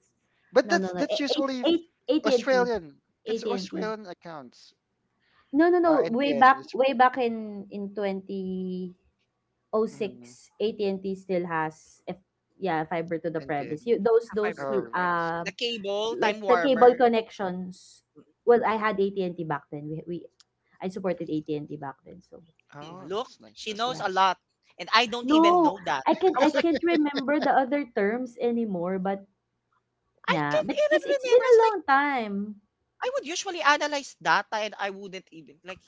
S3: But
S2: No no
S3: that's
S2: no,
S3: that's
S2: eight
S3: usually
S2: eight AT&T.
S3: Australian. That's
S2: AT&T.
S3: Australian accounts.
S2: No no no, way
S3: NPN
S2: back,
S3: is
S2: way back in 2006.
S3: mm,
S2: AT&T still has, if, yeah, fiber to the premise,
S3: NPN.
S2: you those
S1: Ah, fiber
S2: those
S1: to the
S3: Oh, I
S1: premise.
S2: uh,
S3: see.
S1: The cable, time
S2: like the cable
S1: warmer.
S2: connections. Well, I had AT&T back then, we I supported AT&T back then, so
S1: Mm,
S3: Oh,
S1: look,
S3: that's nice.
S1: she
S3: That's
S1: knows
S2: yeah.
S1: a
S3: nice.
S1: lot, and I don't even
S2: No,
S1: know that.
S2: I can
S1: I
S2: I
S1: was like,
S2: can't remember the other terms anymore, but
S1: I
S2: yeah,
S1: can't
S2: because
S1: even
S2: it's
S1: remember.
S2: been
S1: It's
S2: a
S1: like
S2: long time.
S1: I would usually analyze data, and I wouldn't even like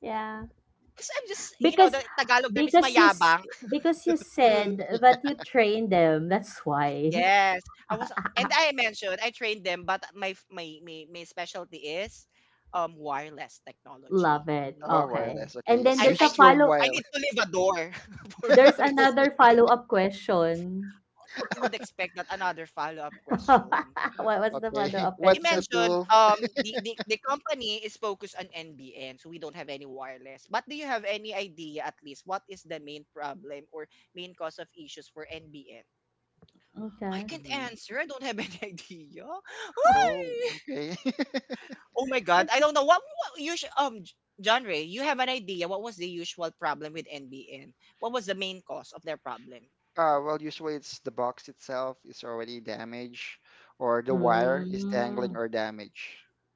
S2: Yeah.
S1: because I'm just,
S2: Because
S1: the Tagalog term is
S2: because you s-
S1: mayabang.
S2: because you
S1: Mm,
S2: said that you train them. That's why.
S1: yes, I was, and I mentioned I trained them, but my f- my specialty is wireless
S2: *laughs*
S1: technology.
S2: Love it.
S3: Oh,
S1: Mm.
S3: wireless.
S2: Okay.
S3: Okay,
S2: And
S3: you *laughs*
S2: then
S1: I I
S3: switched from
S1: I
S3: wild.
S1: need to leave a door *laughs* for
S2: there's
S3: *laughs* okay,
S1: myself.
S2: another follow-up question.
S1: You would expect that another follow up question.
S2: *laughs* What was the
S3: okay.
S2: follow-up
S1: You
S3: What's the
S2: question?
S1: mentioned,
S3: tool?
S1: the company is focused on NBN, so we don't have any wireless. But do you have any idea at least what is the main problem or main cause of issues for NBN? I
S2: Okay.
S1: can't
S3: hmm
S1: answer. I don't have any *laughs* idea.
S3: Oh, okay. *laughs*
S1: Oh my god,
S2: But-
S1: I don't know, what usual, John Ray, you have an idea what was the usual problem with NBN? What was the main cause of their problem?
S3: Well, usually it's the box itself is already damaged, or the wire is dangling
S2: Mm.
S3: or damaged.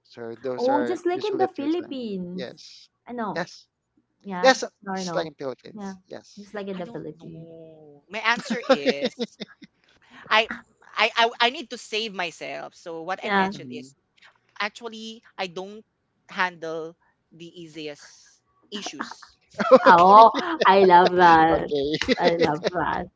S3: So those
S2: Oh,
S3: are
S2: just like in
S3: usually
S2: the
S3: the two times.
S2: Philippines.
S3: Yes,
S2: Ano?
S3: yes, yes.
S2: Yeah, or
S3: Just like
S2: no.
S3: in Philippines.
S2: Yeah,
S3: Yes.
S2: just like in
S1: I
S2: the
S1: don't
S2: Philippines.
S1: know. My answer
S3: *laughs* Okay.
S1: is, I I need to save myself. So what I
S2: Yeah.
S1: mentioned
S3: Mhm.
S1: is, actually, I don't handle the easiest issues.
S3: *laughs*
S2: Oh,
S3: Okay.
S2: I love that.
S3: Okay.
S2: I love
S3: *laughs*
S2: that.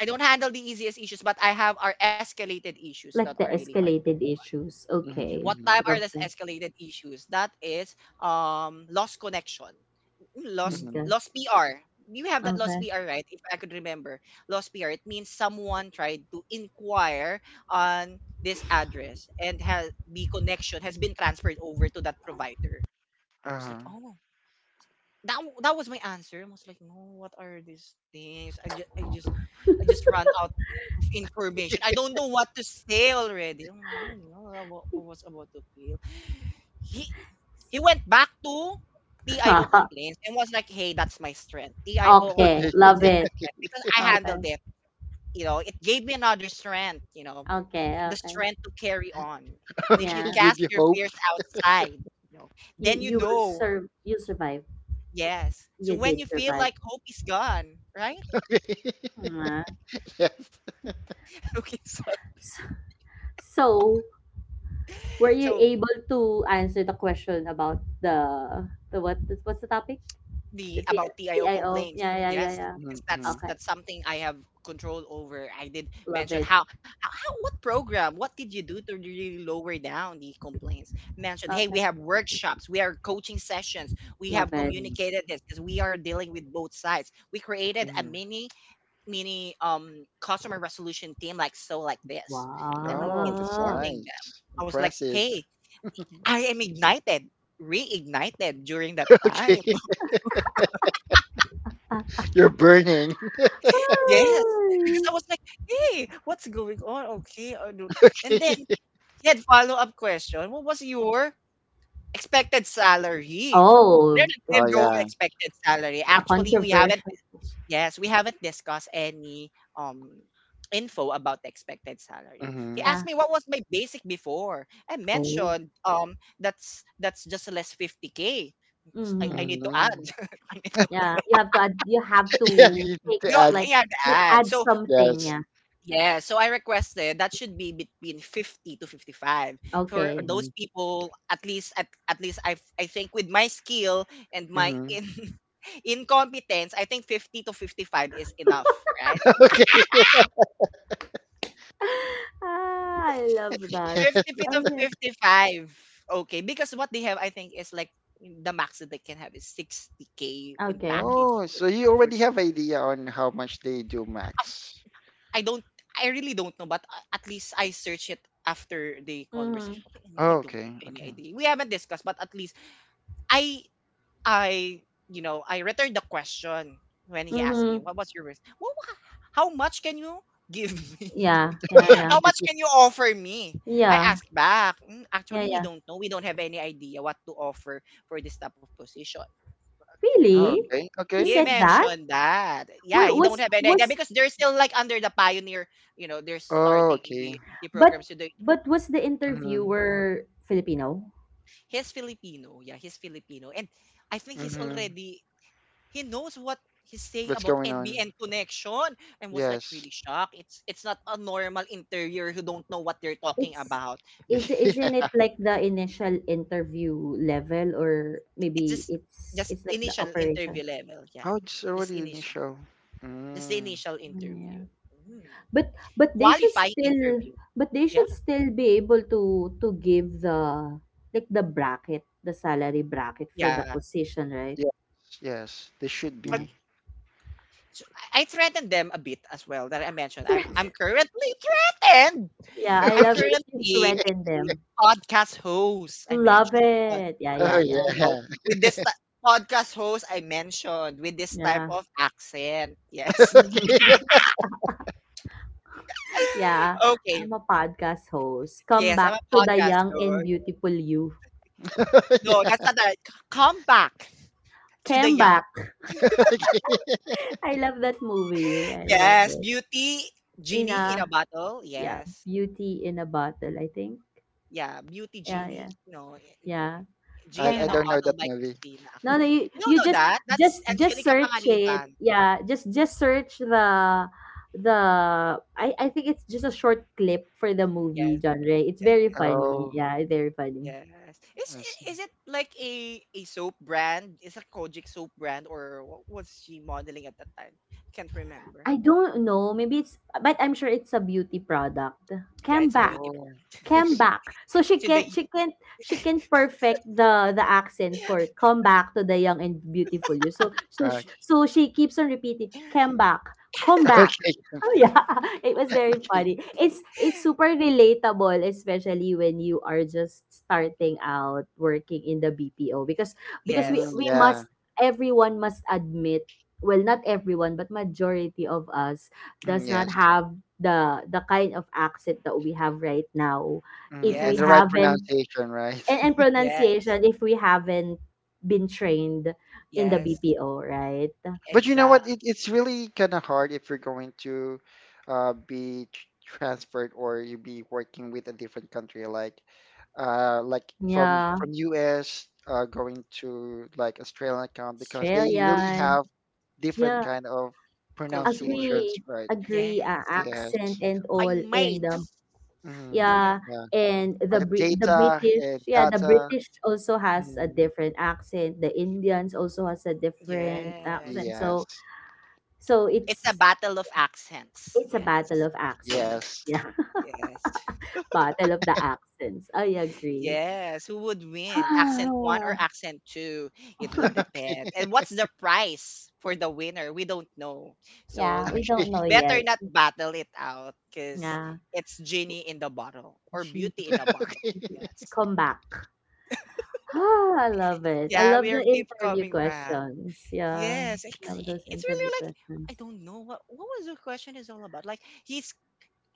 S1: I don't handle the easiest issues, but I have our escalated issues that are
S2: Like the
S1: really hard to.
S2: escalated issues.
S3: Mhm,
S1: What
S2: Okay,
S1: type
S3: mhm,
S1: are
S2: love
S1: these
S2: that.
S1: escalated issues? That is, lost connection, lost
S3: mhm.
S2: Okay.
S1: lost PR. You have that lost
S2: Okay.
S1: PR, right? If I could remember, lost PR. It means someone tried to inquire on this address and has the connection has been transferred over to that provider. I was like,
S3: Uh-huh.
S1: oh, that was my answer. I was like, no, what are these things? I just ran out of information. I don't know what to say already. Oh, man, I don't know what I was about to feel. He he went back to TIO
S2: *laughs*
S1: complaints and was like, hey, that's my strength. TIO
S2: Okay,
S3: Okay.
S1: complaints
S2: love
S1: is my
S2: it.
S1: strength because I
S2: Okay.
S1: handled it. You know, it gave me another strength. You know,
S2: Okay,
S1: the
S2: okay.
S1: strength to carry on.
S3: *laughs*
S1: And if you
S2: Yeah.
S3: Okay. Give
S1: cast
S3: you
S1: your
S3: hope.
S1: fears outside, you know,
S2: You
S1: then you
S2: you will
S1: know.
S2: serve you survive.
S1: Yes. So
S2: You
S1: when you
S2: did
S1: feel
S2: survive.
S1: like hope is gone, right?
S3: *laughs*
S2: Yeah.
S3: Yes.
S1: *laughs* Okay, sorry.
S2: So, so were you
S1: So
S2: able to answer the question about the what what's the topic?
S1: the
S2: The T
S1: about TIO
S2: TIO.
S1: complaints,
S2: Yeah, yeah, yeah,
S1: yes,
S2: yeah.
S1: because
S3: Mhm,
S1: that's
S3: mhm,
S2: Okay.
S1: that's something I have control over. I did
S2: Love
S1: mention
S2: it.
S1: how what program, what did you do to really lower down the complaints? Mentioned, hey, we
S2: Okay.
S1: have workshops, we are coaching sessions, we
S2: Love
S1: have
S2: it.
S3: mhm,
S1: communicated this because we are dealing with both sides. We created a
S3: mhm.
S1: mini customer resolution team, like, so like this. I don't know,
S3: Oh, that's
S2: Wow.
S1: informing them.
S3: nice.
S1: I was like,
S3: Impressive.
S1: hey,
S3: *laughs*
S1: I am ignited, reignited during that time.
S3: Okay.
S1: *laughs*
S3: *laughs* You're burning.
S1: Yes, because
S2: Hi.
S1: I was like, "Hey, what's going on? Okay, I don't." And then
S3: *laughs*
S1: he had follow up question. What was your expected salary? There
S2: Oh,
S1: did
S3: Oh
S1: you go
S3: yeah.
S1: expected salary.
S2: a
S1: Actually, we haven't.
S2: controversial.
S1: Yes, we haven't discussed any um info about the expected salary.
S3: Mm-hmm.
S1: He asked
S2: Yeah.
S1: me what was my basic before. I
S2: Oh.
S1: mentioned that's just less 50K. 'Cause I
S2: Hmm.
S1: need to add.
S3: Mm-hmm.
S1: *laughs* I need.
S2: Yeah. You have to add, you have
S3: *laughs* Yeah,
S1: You
S2: to
S3: you need
S2: take
S3: to
S1: you
S3: add
S2: like
S1: you have to
S2: like
S1: add.
S2: add
S1: So
S2: something.
S3: yes.
S2: Yeah.
S1: yeah, so I requested that should be between 50 to 55 for
S2: Okay.
S3: Mm-hmm.
S1: those people, at least at least I think with my skill and my
S3: Mm-hmm.
S1: in, *laughs* incompetence, I think 50 to 55 is enough, right?
S3: *laughs* Okay.
S2: Ah, I love that.
S1: 50
S3: *laughs*
S1: to
S2: Okay.
S1: 55. Okay, because what they have I think is like the max that they can have is 60K in
S2: Okay.
S1: package
S3: Oh, so you
S1: for
S3: already have idea on how much they do
S1: of
S3: max.
S1: I don't I really don't know, but at least I search it after the
S2: Mm-hmm.
S1: conversation. Okay, I
S3: Oh,
S1: don't
S3: okay.
S1: have any
S3: Okay.
S1: idea. We haven't discussed, but at least I I you know I returned the question when he asked me,
S2: Mm-hmm.
S1: "What was your risk? Well, how much can you give me?
S2: Yeah,
S1: *laughs*
S2: yeah, yeah.
S1: How much
S3: Okay.
S1: can you offer me?" I
S2: Yeah,
S1: asked back. "Mm,
S2: yeah,
S1: actually, we
S2: yeah.
S1: don't know. We don't have any idea what to offer for this type of position."
S3: Oh,
S2: Really?
S1: He
S3: okay.
S2: He
S3: Okay.
S1: he
S2: said that?
S1: mentioned that. Yeah,
S2: What
S1: he don't have any idea
S2: was
S1: because they're still like under the pioneer, you know, they're
S3: Oh,
S1: starting
S3: okay.
S1: the
S2: but
S1: programs. So they,
S2: but was the
S3: Mm-hmm.
S2: interviewer Filipino?
S1: he's Filipino. Yeah, he's Filipino. And I think he's
S3: Mm-hmm.
S1: already he knows what he's saying
S3: What's
S1: about
S3: going on?
S1: NBN connection and was like
S3: Yes.
S1: really shocked. It's not a normal interior who don't know what they're talking
S2: It's,
S1: about.
S2: is
S3: *laughs*
S2: isn't it
S3: Yeah.
S2: like the initial interview level, or
S1: It's
S2: maybe
S1: just
S2: it's
S1: just
S2: like the
S1: initial
S2: operation?
S1: interview level. Yeah.
S3: Oh, it's
S1: Just
S3: already in the
S1: initial.
S3: show.
S1: Just the
S3: Mm.
S1: initial
S2: Mm, yeah.
S1: interview. Mm.
S2: But they should
S1: Qualifying
S2: still
S1: interview.
S2: but they
S1: Yeah.
S2: should still be able to give the, like the bracket, the salary bracket for the
S1: Yeah.
S2: position, right?
S3: Yes. Yes. They should
S1: But
S2: Yeah.
S3: be.
S1: so I threatened them a bit as well that I mentioned. I'm
S2: Threat- *laughs*
S1: currently threatened.
S2: Yeah, I
S1: I'm
S2: love it. You
S1: currently a
S2: threaten
S3: *laughs*
S2: them.
S1: podcast host. I
S2: Love
S1: mentioned,
S2: it. Yeah,
S3: Oh
S2: yeah, yeah.
S1: you know,
S3: yeah. *laughs*
S1: with this podcast host I mentioned with this type
S2: Yeah.
S1: of accent. Yes.
S2: *laughs*
S3: Okay. *laughs*
S1: *laughs*
S2: Yeah,
S1: Okay.
S2: I'm a podcast host. Come
S1: Yes, I'm
S2: back
S1: a
S2: to the
S1: podcast
S2: young and
S1: host.
S2: beautiful you.
S3: Oh,
S1: No, that's
S3: yeah.
S1: not right. Come back to the
S2: Come
S1: young.
S2: back.
S3: *laughs* Okay.
S2: *laughs* I love that movie. I love
S1: Yes,
S2: it.
S1: beauty
S2: In
S1: genie in a
S2: a
S1: bottle.
S2: Yeah,
S1: Yes.
S2: beauty in a bottle, I think.
S1: Yeah, beauty
S2: Yeah,
S1: genie.
S2: yeah.
S1: No.
S2: Yeah.
S1: Genie
S2: Come
S3: I
S1: in a
S3: don't
S2: back.
S3: know
S1: Bottle
S3: that
S1: by
S3: movie.
S1: Christina
S2: No, no,
S1: Achille.
S2: you,
S1: You don't
S2: you
S1: know that? That's
S2: just
S1: Angelica
S2: search it.
S1: Panganiban.
S2: Yeah, just search the I think it's just a short clip for the movie
S1: Yes,
S2: genre. It's
S1: yes,
S2: very funny.
S3: Oh,
S2: Yeah, it's very funny.
S1: yes. Is
S3: I
S1: i-
S3: see.
S1: is it like a soap brand? Is a Kojic soap brand or what was she modeling at that time? Can't remember.
S2: I don't know. Maybe it's, but I'm sure it's a beauty product.
S1: Yeah,
S2: Came
S1: it's a
S2: back,
S1: beauty
S3: Oh,
S1: brand.
S3: I
S2: came
S3: see.
S2: back. So
S1: So they
S2: she can perfect the accent for come back to the young and beautiful you. So so sh-
S3: Okay,
S2: so she keeps on repeating, "Came
S1: *laughs*
S2: back, come
S3: *laughs*
S2: back,"
S3: okay,
S2: yeah. *laughs* It was very
S3: okay.
S2: funny. It's super relatable, especially when you are just starting out working in the BPO, because
S3: Mm,
S1: yes.
S2: we
S3: yeah.
S2: must everyone must admit, well, not everyone, but majority of us
S3: Mm,
S2: does not
S3: yes.
S2: have the kind of accent that we have right now if
S3: Mm,
S2: we
S3: and the
S1: Yes.
S3: right
S2: haven't,
S3: pronunciation, right?
S2: and
S3: *laughs*
S1: Yeah.
S2: pronunciation, if we haven't been trained in the
S1: Yes.
S2: BPO, right.
S3: But you know
S1: Exact
S3: what? It's really kind of hard if you're going to transferred or you be working with a different country, like
S2: Yeah.
S3: from US going to like Australian account because they really
S2: Australian,
S3: have different
S2: yeah.
S3: kind of
S1: culture.
S3: pronunciations,
S2: Agree.
S3: right?
S2: Agree.
S1: Yes.
S3: Yes.
S2: Accent and
S1: I
S2: all,
S1: mate.
S2: and
S1: Do
S3: Mm,
S1: we know?
S2: yeah.
S3: yeah.
S2: And
S3: Like
S2: The
S3: data
S2: British,
S3: and
S2: yeah, the
S3: data.
S2: British also has a
S3: Mm,
S2: different accent, the Indians also has a different
S1: Yes.
S2: accent. So
S3: yes.
S2: so
S1: It's a
S2: it's
S1: battle of accents.
S2: it's a battle
S1: Yes.
S2: of accents,
S3: Yes. *laughs*
S2: yeah.
S1: Yes.
S2: *laughs* Battle of the accents, I agree. *sighs*
S1: Yes, who would win? Accent one or
S2: Ah,
S1: accent two? It would depend. And what's the price for the winner? We don't know. So
S2: yeah, we don't know
S1: better
S2: yet.
S1: not battle it out because
S2: Yeah,
S1: it's genie in the bottle or beauty
S2: genie,
S1: in a
S3: Okay.
S1: bottle.
S3: *laughs*
S1: Yes.
S2: come back. Ah, I love it. I
S1: Yeah,
S2: love
S1: we'll
S2: the
S1: keep
S2: interview
S1: coming back.
S2: questions. Yeah,
S1: Yes. 'Cause
S2: love those
S1: it's really
S2: interview
S1: like I
S2: questions.
S1: don't know what was the question is all about. Like he's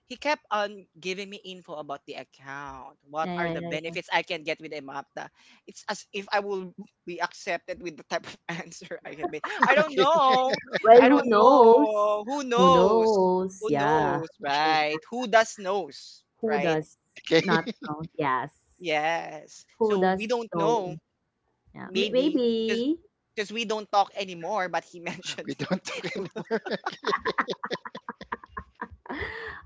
S1: he kept on giving me info about the account. What
S2: Yeah,
S1: are
S2: yeah,
S1: the
S2: yeah, yeah.
S1: benefits I can get with Emapta? It's as if I will be accepted with the type of *laughs* answer I have made. I don't
S3: Okay.
S1: know.
S2: Well,
S1: I
S2: who
S1: don't
S2: knows?
S1: know. Who
S2: Who
S1: knows?
S2: knows?
S1: Who
S2: Yeah.
S1: knows,
S3: Okay.
S1: right? Who does knows,
S2: Who
S1: right?
S2: does
S3: Okay.
S2: not
S3: *laughs*
S2: know? Yes.
S1: Yes.
S2: Who
S1: So we
S2: does
S1: don't know.
S2: know? Yeah.
S1: Maybe
S2: Maybe.
S1: because we don't talk anymore, but he *laughs* mentioned
S3: We don't talk anymore. *laughs* Okay.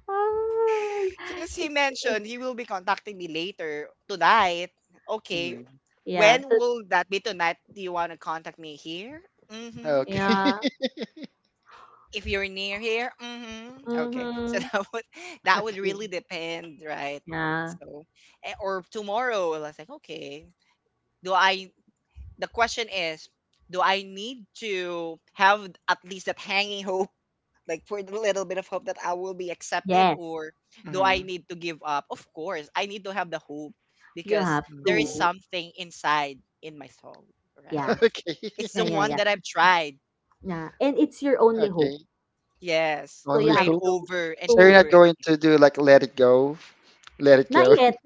S2: Ah,
S1: because he
S2: it's, it's,
S1: mentioned he will be contacting me later tonight. Okay,
S3: Mm,
S2: yeah.
S1: when
S2: To,
S1: will that be tonight? Do you want to contact me here? Mm-hmm.
S3: okay.
S2: yeah.
S3: *laughs*
S1: If you're near here, mm-hmm. Okay. So
S2: Mm-hmm.
S1: *laughs* that would really depend, right?
S2: Yeah.
S1: So or tomorrow, I was like, okay. Do I the question is, do I need to have at least that hanging hope, *laughs* like for the little bit of hope that I will be accepted,
S2: Yes.
S1: or do I
S3: Mm,
S1: need to give up? Of course, I need to have the hope
S2: You
S1: because
S2: have
S1: there is
S3: mm,
S2: to.
S1: something inside in my soul,
S3: *laughs*
S1: right?
S2: Yeah.
S3: okay.
S1: It's
S2: Yeah,
S1: the
S3: *laughs*
S2: yeah,
S1: one
S2: yeah.
S1: that I've tried.
S2: Yeah. And it's your only hope.
S3: Okay.
S1: Yes,
S2: So
S1: to
S2: you
S3: Only
S2: have
S1: ride
S3: hope.
S2: to,
S1: over and
S3: So you're
S2: to
S3: not
S1: over.
S3: going to do like let it go. Let it
S2: Not
S3: go.
S2: yet.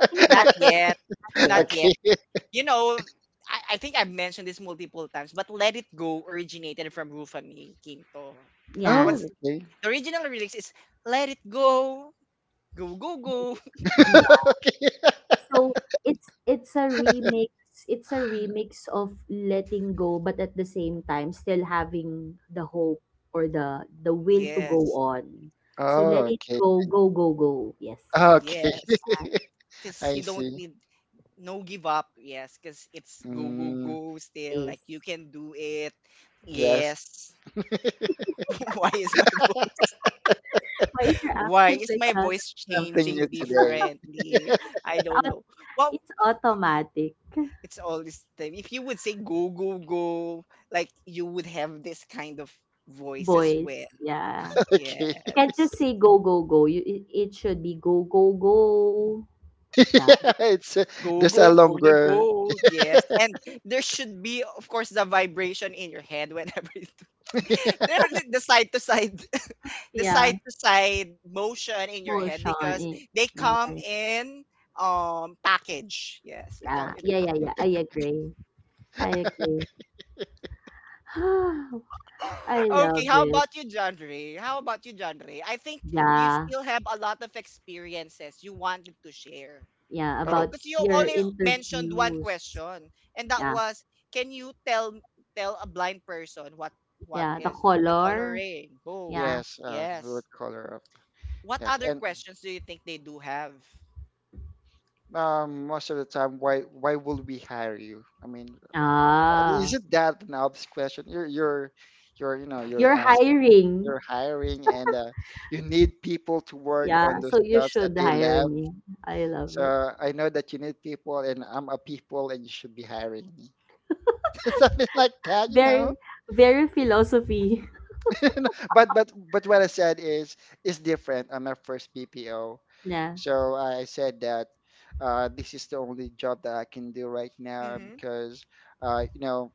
S2: I think not
S1: Not
S3: *laughs*
S2: yet.
S1: yet.
S2: Not
S1: Not
S2: yet.
S1: yet.
S3: Okay.
S1: You know, I think I've mentioned this multiple times, but Let It Go originated from Rufa May Quinto.
S2: Yeah.
S1: What's
S3: Oh, okay.
S1: the original lyrics is Let It Go, go, go, go. *laughs*
S2: Yeah.
S3: Okay. *laughs*
S2: So it's a remix. It's a remix of letting go, but at the same time still having the hope or the will to go
S1: Yes,
S2: on. So
S3: Oh,
S2: let it
S3: okay.
S2: go, go, go, go. Yes.
S3: Okay.
S1: yes.
S3: *laughs*
S1: Because
S3: I
S1: you don't
S3: see.
S1: need no give up. Yes, because it's go, go,
S3: Mm,
S1: go still.
S2: Yes.
S1: Like you can do it.
S3: yes.
S1: Yes. *laughs* Why is my
S2: Why is your
S1: Why
S2: accent
S1: is
S2: like
S1: my
S2: that?
S1: voice
S3: Something new
S1: changing
S3: today.
S1: differently? I don't
S2: It's au-
S1: know. Well,
S2: it's automatic
S1: it's all this time. If you would say go, go, go, like you would have this kind of voice as
S2: voice.
S1: well.
S2: Yeah.
S3: *laughs* Okay.
S2: You can't just
S1: Yes.
S2: say, "Go, go, go." You, it should be, "Go, go, go."
S3: *laughs*
S2: Like that.
S3: yeah, it's a,
S1: Go,
S3: there's a
S1: go for the
S3: longer.
S1: gold. Yes. And there should be, of course, the vibration in your head whenever you do. *laughs* There, are
S3: *laughs*
S1: the side to side, *laughs* the
S2: Yeah.
S1: side to side motion in your
S2: More
S1: head
S2: on
S1: because
S2: it.
S1: they
S2: Yeah,
S1: come in package. Yes, they come
S2: yeah,
S1: in
S3: okay.
S2: yeah, yeah. Yeah, I
S1: package.
S2: agree. I agree. *sighs* I
S1: Okay,
S2: love
S1: how
S2: it.
S1: about you, John Ray? How about you, John Ray? I think you
S2: Yeah,
S1: still have a lot of experiences you wanted to share.
S2: yeah.
S1: You know,
S3: Oh
S2: About
S1: because you
S2: your
S1: only mentioned one
S2: interviews.
S1: question, and that
S2: Yeah,
S1: was, can you tell a blind person what
S2: yeah. The
S1: is the
S2: color.
S1: coloring? Oh,
S2: Yeah.
S3: yes. What
S1: yes.
S3: color of
S1: What
S3: yes?
S1: other
S3: And
S1: questions do you think they do have?
S3: most of the time, why would we hire you? I mean,
S2: Ah,
S3: isn't that an obvious question? You're you know you're
S2: you're
S3: asking
S2: hiring.
S3: you're hiring and you need people to work on
S2: Yeah,
S3: those
S2: so you
S3: jobs that
S2: should
S3: they
S2: hire
S3: left.
S2: me. I love
S3: So
S2: it.
S3: I know that you need people, and I'm a people, and you should be hiring me. *laughs* Something like that, you know.
S2: Very, very philosophy. *laughs*
S3: *laughs* But what I said is different on my first BPO.
S2: Yeah.
S3: So I said that this is the only job that I can do right now
S1: Mm-hmm.
S3: because you know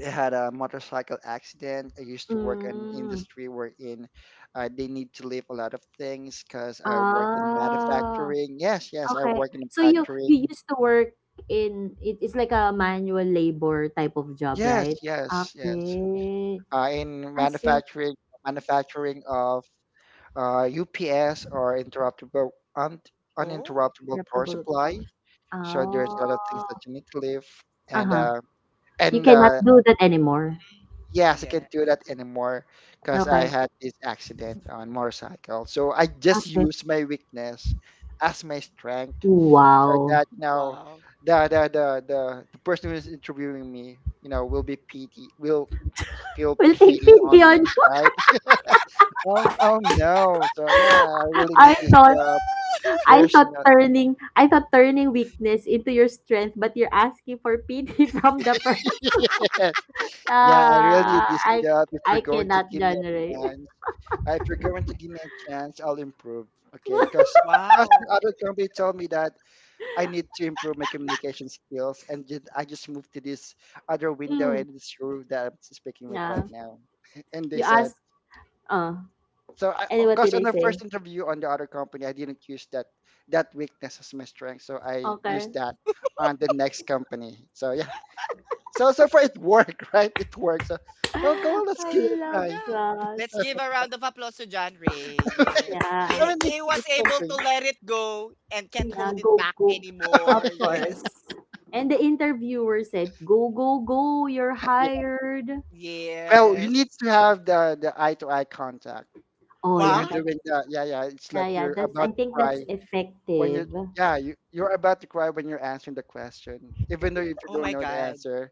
S3: I had a motorcycle accident. I used to work in an
S2: Mm.
S3: industry wherein they need to leave a lot of things because I work in
S2: Ah.
S3: manufacturing. Yes, yes, I
S2: Okay.
S3: work in
S2: So you
S3: manufacturing.
S2: you used to work in, it's like a manual labor type of job,
S3: Yes,
S2: right?
S3: yes, yes.
S2: Okay.
S3: In
S2: I see.
S3: manufacturing, manufacturing of UPS or interruptible un,
S1: Oh,
S3: uninterruptible power
S2: Adaptable
S3: supply.
S2: hours.
S3: So there's
S2: Oh.
S3: a lot of things that you need to leave, and
S2: Uh-huh.
S3: uh,
S2: You
S3: and
S2: cannot
S3: uh,
S2: do that anymore.
S3: yes, I
S1: yeah.
S3: can't do that anymore because I
S2: Okay.
S3: had this accident on motorcycle. So I just
S2: Okay.
S3: use my weakness as my strength, so
S2: Wow.
S3: that you know
S1: Wow.
S3: the person who is interviewing me, you know, will be pity will feel
S2: We'll take
S3: pity
S2: pity
S3: on me,
S2: on.
S3: right? Oh, oh no! So yeah, I really
S2: *laughs* I
S3: need this
S2: thought
S3: job.
S1: *laughs*
S3: There's no.
S2: I thought turning weakness into your strength, but you're asking for pity *laughs* from the person.
S3: *laughs* yes. Yeah, I really need
S2: Ah,
S3: this
S2: I
S3: job. If
S2: I
S3: you're going to
S2: cannot
S3: give me a
S2: generate.
S3: chance, if you're going to give me a chance, I'll improve. Okay,
S2: *laughs*
S3: because
S1: Wow.
S3: the other company told me that I need to improve my communication skills, and I just moved to this other window
S2: Mm.
S3: and this room that I'm speaking with right
S2: Yeah.
S3: now. *laughs* And they
S2: You
S3: said,
S2: ask, uh,
S3: so
S2: and what
S3: because
S2: did
S3: on
S2: they
S3: the
S2: say?
S3: first interview on the other company, I didn't use that weakness as my strength, so I used
S2: Okay. *gasps*
S3: that on the next company. So yeah, So so far it worked, *laughs* right? It works. So, oh, come on,
S2: *laughs*
S3: let's
S2: I
S3: give it a try.
S2: love
S1: Yeah.
S2: that.
S1: Let's give a round of applause to John Ray. Yes.
S2: Yeah.
S3: *laughs*
S1: He,
S3: I mean,
S1: he was
S3: it's
S1: able to
S3: something.
S1: let it go and can't
S2: Yeah,
S1: hold it
S2: go,
S1: back
S2: go.
S1: anymore. *laughs*
S2: Of
S3: *laughs*
S1: Yes.
S2: course. And the interviewer said, "Go, go, go, you're
S3: yeah.
S2: hired."
S3: Well, you need
S1: Yes.
S3: to have the eye to eye contact
S2: Oh,
S3: when
S2: yeah,
S3: you're
S1: Wow.
S2: that's,
S3: doing that. Yeah, yeah. It's
S2: yeah,
S3: like
S2: yeah,
S3: you're
S2: that's, I
S3: about to
S2: think that's
S3: cry when you're.
S2: effective.
S3: Yeah, you're about to cry when you're answering the question. Even though if you
S1: Oh my
S3: don't know the
S1: god.
S3: answer,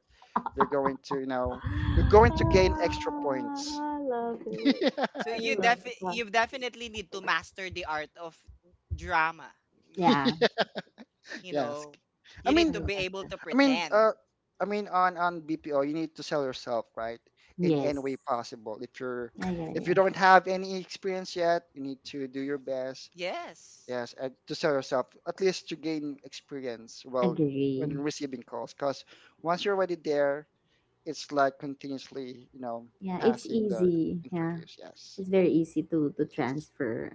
S3: they're going to, you're going to gain extra points.
S2: Ah, I love
S3: *laughs*
S2: it.
S3: Yeah.
S1: So
S2: I
S1: you
S2: love that.
S1: you definitely need to master the art of drama,
S2: Yeah,
S3: *laughs*
S1: you
S3: Yes.
S1: know.
S3: I
S1: You need
S2: I
S3: mean,
S1: to be
S2: love
S1: able
S2: that.
S1: to
S3: I mean,
S1: pretend.
S3: uh, I mean, on BPO, you need to sell yourself, right? In any way
S2: Yes.
S3: possible.
S2: Yeah, yeah,
S3: If you
S2: yeah.
S3: don't have any experience yet, you need to do your best.
S1: Yes.
S3: Yes, and to sell yourself, at least to gain experience. Well, when
S2: Agree.
S3: receiving calls, because once you're already there, it's like continuously,
S2: Yeah, it's
S3: passing the
S2: easy. Yeah.
S3: interviews. Yes,
S2: It's very easy to
S3: yes,
S2: transfer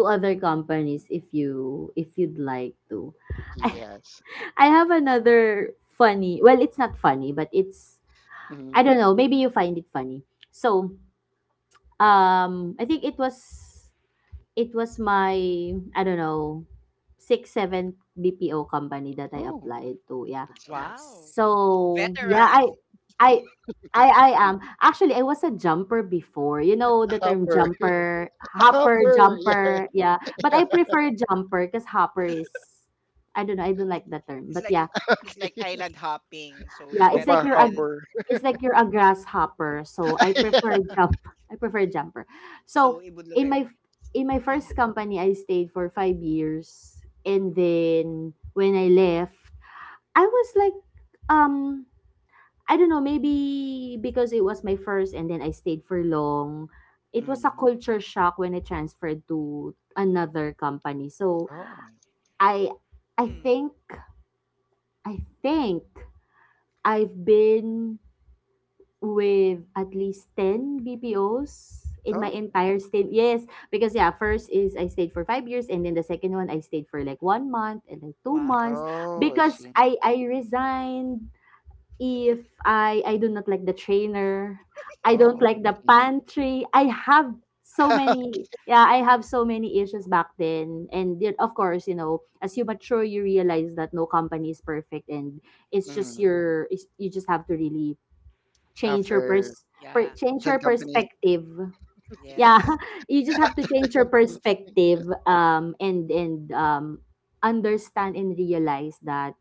S2: to other companies if you if you'd like to. *laughs* I,
S3: yes.
S2: I have another funny. Well, it's not funny, but it's,
S3: Hmm.
S2: I don't know, maybe you find it funny. So, I think it was my, I don't know, 6, 7 BPO company that I
S3: Oh,
S2: applied to, yeah.
S3: that's a lot.
S1: Wow.
S2: So, yeah,
S1: Veteran.
S2: I I am. Actually, I was a jumper before. You know
S3: A
S2: the term
S3: hopper,
S2: jumper,
S3: *laughs* a
S2: hopper,
S3: hopper. Yeah,
S2: jumper, yeah. But
S3: yeah.
S2: I prefer jumper because hopper is, I don't know, I don't like that
S1: *laughs*
S2: term.
S1: It's
S2: But
S1: like
S2: yeah,
S3: *laughs*
S1: it's
S3: Okay,
S1: like island hopping, so
S2: yeah,
S1: it's
S3: a bar
S1: better to get it.
S3: hopper.
S2: it's like you're a grasshopper. So I prefer jump. *laughs* I prefer jumper.
S1: So
S2: So
S1: it would look
S2: in
S1: like
S2: my in my first
S1: mm,
S2: company, I stayed for 5 years, and then when I left, I was like, um, I don't know, maybe because it was my first, and then I stayed for long. It was a
S3: Mhm.
S2: culture shock when I transferred to another company. So
S3: Oh.
S2: I I
S1: mm.
S2: think I think I've been with at least 10 BPOs in my
S3: Oh.
S2: entire stint. Yes, because yeah, first is I stayed for 5 years, and then the second one I stayed for like 1 month and like 2
S1: Wow.
S2: months
S3: Oh, I
S2: because
S3: see.
S2: I resigned if I do not like the trainer. I don't
S3: Oh,
S2: like
S3: I
S2: the
S3: see.
S2: pantry. I have so
S3: *laughs*
S2: many, yeah, I have so many issues back then. And yet, of course, you know, as you mature, you realize that no company is perfect, and it's just
S3: Mm.
S2: your, it's, you just have to really change your
S3: After
S2: pers-
S1: Yeah.
S2: change
S3: 10
S2: your
S3: companies,
S2: perspective, yeah,
S1: Yes.
S2: *laughs* you just have to
S3: *laughs* 10
S2: change your
S3: companies. *laughs* Yes.
S2: perspective, and understand and realize that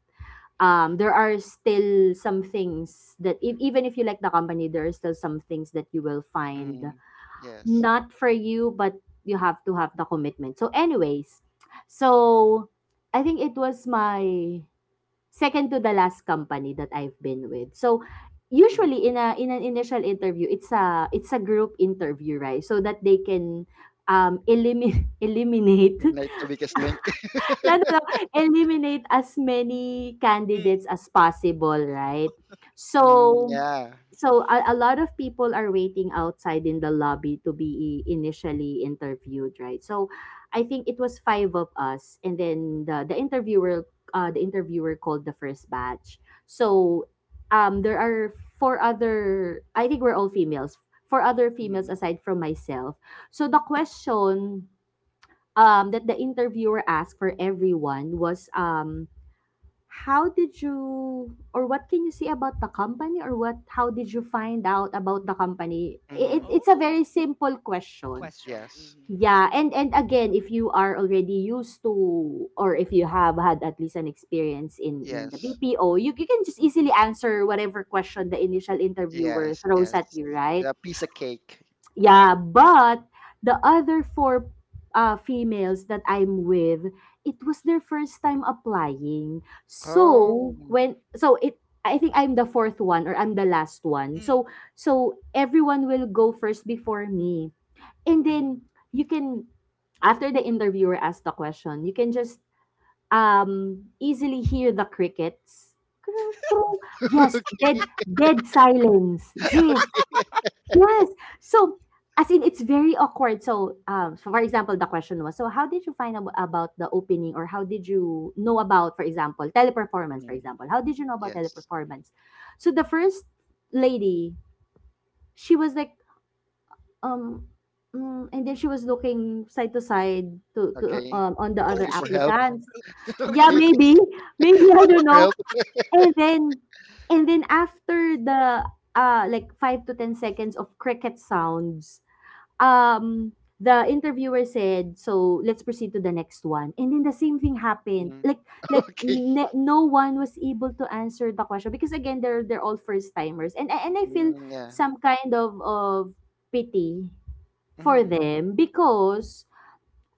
S2: there are still some things that if, even if you like the company, there are still some things that you will find
S3: Mm. Yes.
S2: not for you, but you have to have the commitment. So anyways, so I think it was my second to the last company that I've been with. So
S3: Mm.
S2: usually in a in an initial interview, it's a group interview, right? So that they can eliminate *laughs* eliminate
S3: Like the weakest link. *laughs*
S2: *laughs* No, no, no. Eliminate as many
S1: Mm.
S2: candidates as possible, right?
S3: Mm,
S2: So,
S3: yeah.
S2: so a lot of people are waiting outside in the lobby to be initially interviewed, right? So, I think it was five of us, and then the interviewer called the first batch. So, there are four other. I think we're all females. Four other females
S3: Mm-hmm.
S2: aside from myself. So the question that the interviewer asked for everyone was, how did you, or what can you say about the company, or what how did you find out about the company? It,
S3: Mm-hmm.
S2: it's a
S1: Oh.
S2: very simple question.
S1: Question.
S3: Yes.
S1: Mhm.
S2: Yeah, and again, if you are already used to, or if you have had at least an experience in the
S3: Yes.
S2: BPO, you can just easily answer whatever question the initial interviewer
S3: Yes.
S2: throws
S3: Yes.
S2: at you, right?
S3: A piece of cake.
S2: Yeah, but the other four females that I'm with, it was their first time applying. So
S3: Oh.
S2: when, so it, I think I'm the fourth one, or I'm the last one.
S1: Mm.
S2: So so everyone will go first before me. And
S3: Mm.
S2: then you can, after the interviewer asked the question, you can just easily hear the crickets. Crow, crow.
S3: *laughs*
S2: Yes, dead
S3: Okay.
S2: dead silence.
S1: Yeah. *laughs*
S2: Yes. Yes. So, as in, it's very awkward. So, so for example, the question was, so how did you find about the opening, or how did you know about, for example, Teleperformance? For
S3: Mm.
S2: example, how did you know about
S3: Yes.
S2: Teleperformance? So the first lady, she was like, um, and then she was looking side to side to,
S3: Okay.
S2: on the other
S3: Looking for
S1: Coaching.
S3: help.
S2: applicants.
S1: *laughs*
S3: *laughs*
S1: Okay,
S2: Yeah,
S3: Okay.
S1: we're go-
S2: maybe, *laughs* maybe,
S3: *laughs*
S2: I
S3: Looking
S2: don't
S3: for
S2: know.
S3: help.
S2: And
S3: *laughs*
S2: then, and then after the like 5 to 10 seconds of cricket sounds, um the interviewer said, so let's proceed to the next one. And then the same thing happened,
S3: Mm. *laughs*
S2: like
S3: Okay.
S2: no one was able to answer the question, because again, they're all first timers. And and I feel
S3: Mm, yeah.
S2: some kind of pity for
S3: Mhm.
S2: them, because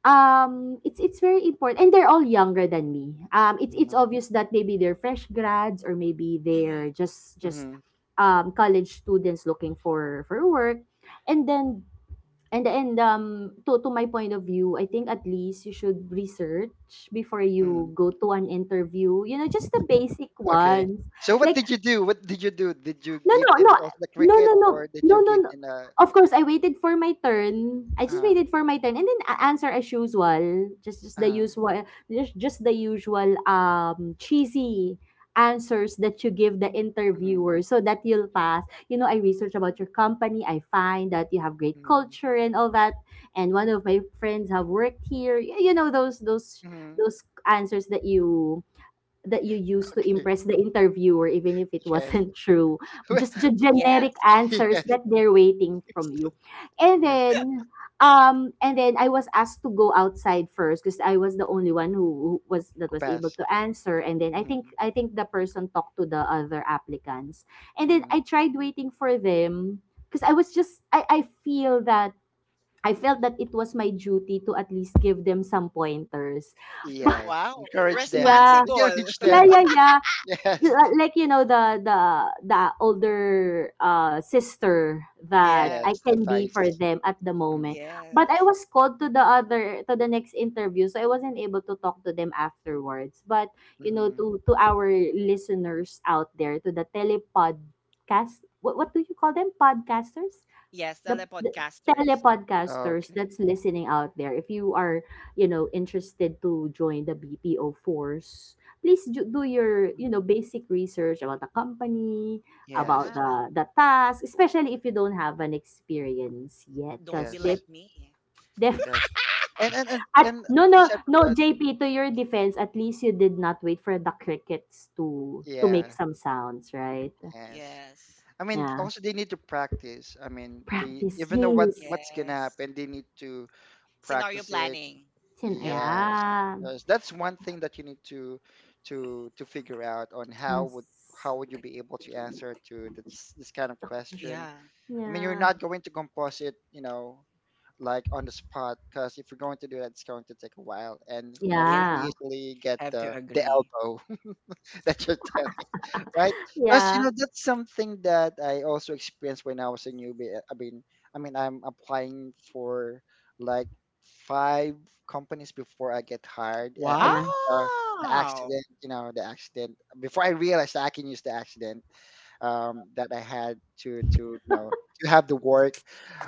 S2: it's very important, and they're all younger than me. It's
S3: Mhm.
S2: obvious that maybe they're fresh grads, or maybe
S1: Mhm.
S2: they're just
S3: Mhm.
S2: college students looking for work. And then, to my point of view, I think at least you should research before
S3: Mhm.
S2: you go to an interview, you know, just the basic
S3: Okay.
S2: ones.
S3: So what
S2: Like,
S3: did you do? What did you do? Did you
S2: no, no,
S3: give them
S2: no,
S3: also the
S2: no,
S3: cricket,
S2: no, no,
S3: or did you
S2: no, no,
S3: give
S2: no.
S3: them a?
S2: Of course, I waited for my turn. I just
S3: Uh,
S2: waited for my turn, and then answer as usual. Just the
S3: uh.
S2: usual, just the usual cheesy answers that you give the
S3: Mhm.
S2: interviewer so that you'll pass. You know, I
S3: Yes.
S2: research about your company. I find that you have great
S3: Mhm.
S2: culture and all that. And one of my friends have worked here. You know those those
S3: Mhm.
S2: those answers that you, that you used to
S3: Okay.
S2: impress the interviewer, even if it
S3: Yes.
S2: wasn't *laughs* true. Just the
S3: *laughs*
S1: *laughs*
S2: generic
S1: Yes.
S2: answers
S3: Yes.
S2: that they're waiting
S1: you're
S2: from
S1: still-
S2: you. And
S3: Yes.
S2: then, and then I was asked to go outside first, because I was the only one who was, that was able
S3: Kupas.
S2: to answer. And then I think
S3: Mhm.
S2: I think the person talked to the other applicants. And then
S3: Mhm.
S2: I tried waiting for them, because I was just, I feel that I felt that it was my duty to at least give them some pointers. *laughs* But
S3: Yes.
S1: Wow.
S3: Encourage them.
S2: yeah,
S3: *laughs*
S1: Responsible.
S3: Encourage
S1: *laughs*
S2: yeah,
S3: them.
S2: yeah, yeah,
S3: Yes.
S2: li- like, you know, the older sister that I
S3: Yes.
S1: Yes.
S2: can be
S3: Advice.
S2: for them at the
S3: Mm.
S2: moment. But I
S1: Yes.
S2: was called to the other to the next interview, so I wasn't able to talk to them afterwards. But you know,
S3: Mhm.
S2: to our listeners out there, to the telepodcast, what do you call them? Podcasters?
S1: Yes,
S2: The
S1: telepodcasters.
S2: telepodcasters
S3: Okay.
S2: that's listening out there, if you are, you know, interested to join the BPO force, please do, do your, you
S3: Mhm.
S2: know, basic research about the company, about
S3: Yes.
S1: Yeah.
S2: the task, especially if you don't have an experience yet,
S1: Don't
S2: because
S1: be
S2: they,
S3: Yes.
S1: like me.
S2: Def,
S3: Yes. And and and
S2: at
S3: and
S2: no no
S3: aside from
S2: no,
S3: that,
S2: JP, to your defense, at least you did not wait for the crickets to make
S3: yeah,
S2: some sounds, right?
S3: yes.
S1: Yes.
S3: I mean,
S2: Yeah,
S3: also they need to practice. I mean, they
S2: practice,
S3: even know what
S2: yes.
S3: what's gonna
S1: Yes.
S3: happen, they need to
S1: Scenario
S3: practice it.
S1: planning. Yep.
S3: Yes,
S2: Yeah.
S3: because that's one thing that you need to to figure out on
S2: Yes.
S3: how would you be able to answer to this kind of question.
S1: Yeah.
S3: I mean, you're
S2: Yeah.
S3: not going to compose it, you know, like on the spot, because if you're going to do that, it's going to take a while, and you know you'll
S1: Yeah.
S2: Yeah.
S3: be easily get
S1: Have to
S3: the
S1: agree.
S3: elbow *laughs* that you're right? Because you
S2: Yeah.
S3: know that's something that I also experienced when I was a newbie. I mean, I'm applying for like five companies before I get hired. I
S2: Yeah.
S3: uh, the
S1: Wow.
S3: accident, you know, the accident before I realized I can use the accident that I had to you know to have the work.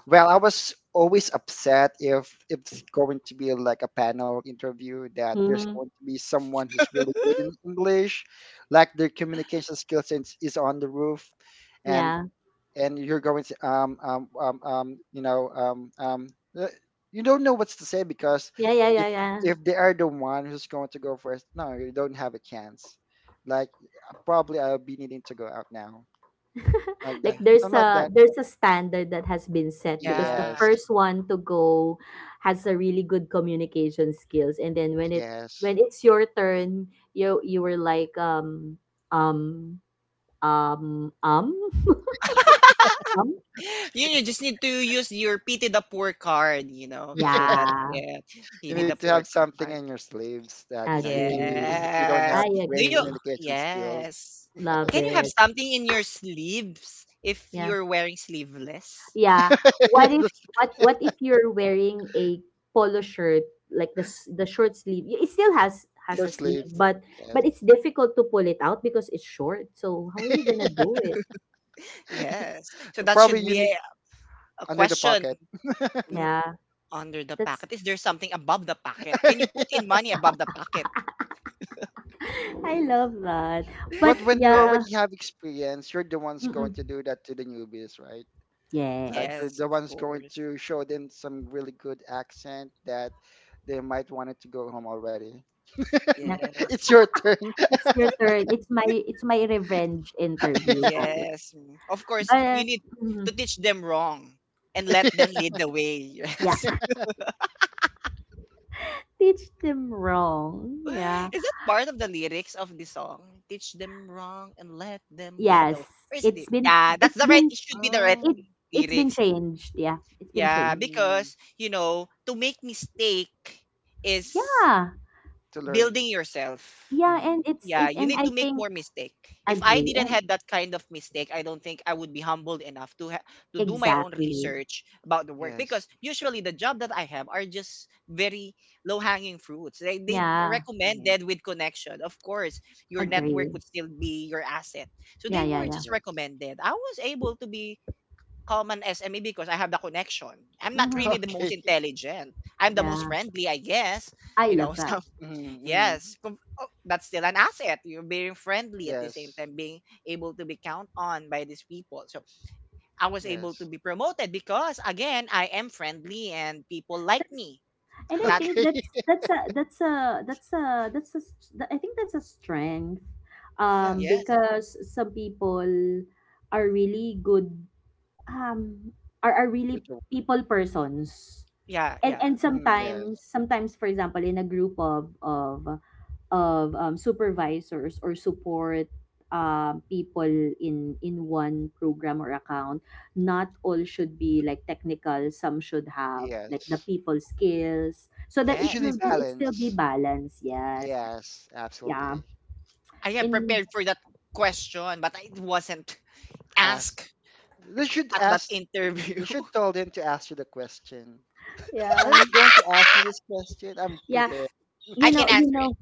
S3: Well, I was always upset if it's going to be like a panel interview that there's
S2: Mhm.
S3: going to be someone who's really good in English, like their communication skills is on the roof, and
S2: Yeah.
S3: you're going to you know uh, you don't know what's to say because
S2: Yeah, yeah,
S3: if
S2: yeah, yeah.
S3: if they are the one who's going to go first, no, you don't have a chance. Like probably I'll be needing to go out now, like that,
S1: Yeah.
S2: Like there's
S3: something like that.
S2: a standard that has been set, because the
S1: Yeah.
S3: Yes,
S2: first one to go has a really good communication skills, and then when it,
S3: yes.
S2: when it's your turn, you were like, um um um um
S1: You know, just need to use your pity the poor card, you know. So that's
S2: yeah.
S1: it.
S3: You
S1: Pity
S3: need
S1: the
S3: to
S2: Yes.
S3: have
S1: poor
S3: something
S1: card.
S3: in your sleeves that you know you can use
S2: Agree.
S3: if you don't
S1: Yes.
S2: I
S3: have the
S1: Do
S3: great
S1: you
S2: agree.
S3: communication skills.
S1: yes.
S3: *laughs* Yes.
S2: Love
S1: Can you have
S2: it.
S1: something in your sleeves if
S2: Yeah.
S1: you're wearing sleeveless?
S2: Yeah.
S3: *laughs*
S2: What
S3: Yes,
S2: if,
S3: that's
S2: what if you're wearing a polo shirt, like the short sleeve? It still
S3: your
S2: has a sleeve,
S3: sleeves. Yes.
S2: but it's difficult to pull it out because it's short. So how are you gonna do it?
S1: Yes. So that
S3: Probably
S1: should
S3: you
S1: be
S3: need
S1: a
S3: under the
S1: question.
S3: pocket. *laughs*
S1: Mm,
S2: Yeah,
S1: under the
S2: that's,
S1: packet. Is there something above the packet? Can you put
S3: Yeah.
S1: in money above the packet?
S2: *laughs* I love that.
S3: But
S2: But
S3: when
S1: *laughs*
S3: you
S1: Right?
S2: yeah,
S3: already have experience, you're the ones going to
S2: mm-mm,
S3: do that to the newbies, right? Like
S2: yes.
S3: you're
S1: Yes,
S3: the
S1: of
S3: ones going
S1: course.
S3: to show them some really good accent that they might want it to go home already. *laughs*
S2: Yeah,
S1: Yes.
S3: It's your turn.
S2: it's your turn. It's my,
S1: *laughs*
S2: it's my revenge interview,
S3: *laughs*
S2: guys.
S1: Yes. Mm. Of course, you
S2: But
S1: need
S2: mm,
S1: to teach them wrong and let them lead the way. *laughs*
S2: yeah,
S1: Yes.
S2: *laughs* teach them wrong. Yeah.
S1: Is that part of the lyrics of the song? Teach them wrong and let them lead the way.
S2: Yes.
S1: Or is it?
S2: It's been
S1: Yeah, that's
S2: it's
S1: the right.
S2: been
S1: It should be the right
S3: Oh,
S2: it it's been
S1: lyrics.
S2: changed. Yeah, it's been
S1: Yeah,
S2: changed.
S3: mm,
S1: because you know, to make mistake is
S2: Yeah,
S3: to
S1: building
S3: learn.
S1: yourself.
S2: yeah,
S3: Hmm.
S2: and it's
S1: Yeah,
S2: it,
S1: you
S2: and
S1: need
S2: I
S1: to make
S2: think
S1: more mistake. If I
S2: agree
S1: didn't
S2: and
S1: had that kind of mistake, I don't think I would be humbled enough to to do my own
S2: exactly.
S1: research about the work
S3: Yes.
S1: because usually the job that I have are just very low hanging fruits. They
S2: Yeah,
S1: recommended
S3: Mm,
S1: with connection. Of course, your network
S3: mm,
S2: agree.
S1: would still be your asset. So
S2: Yeah,
S1: they
S2: yeah,
S1: were
S2: yeah.
S1: just
S3: yes.
S1: recommended. I was able to be calm and SME because I have the connection. I'm not
S3: *laughs*
S2: Mm-hmm.
S1: really the most
S3: Okay.
S1: intelligent. I'm the most
S2: Yeah,
S1: friendly, I guess.
S2: I
S1: You know, *laughs*
S2: love that.
S1: so
S3: Mm, mm,
S1: yes, oh, that's still an asset. You're being friendly at the same
S3: yes.
S1: time, being able to be count on by these people. So I was able to
S3: Yes.
S1: be promoted because again, I am friendly and people like
S2: That's,
S1: me.
S2: and
S3: *laughs*
S2: I
S1: Not
S2: think
S3: Okay.
S2: that's that's a I think that's a strength,
S3: Yes.
S1: yes,
S2: because some people are really good, um are
S3: With
S2: really
S3: the,
S2: people persons.
S1: yeah,
S2: and
S1: yeah,
S2: and
S3: mm, yes.
S2: sometimes, sometimes, for example, in a group of supervisors or support people in one program or account, not all should be like technical. Some should have like the
S3: Yes.
S2: people skills, so that
S3: Yes. It
S2: it
S1: yes.
S3: should be
S2: will be, it still be
S3: balanced.
S2: balanced, yes.
S3: Yes.
S2: Yeah.
S3: Absolutely.
S1: I am
S2: in
S1: prepared for that question, but I wasn't *laughs*
S3: Ask.
S1: asked
S3: They should
S1: at that
S3: ask.
S1: interview.
S3: You should
S1: *laughs*
S3: tell them to ask you the question. Are you
S2: Yeah,
S3: not going to ask me this question? I'm
S2: yeah.
S3: prepared.
S2: You
S1: I
S2: know,
S1: can
S2: you
S1: answer it.
S2: know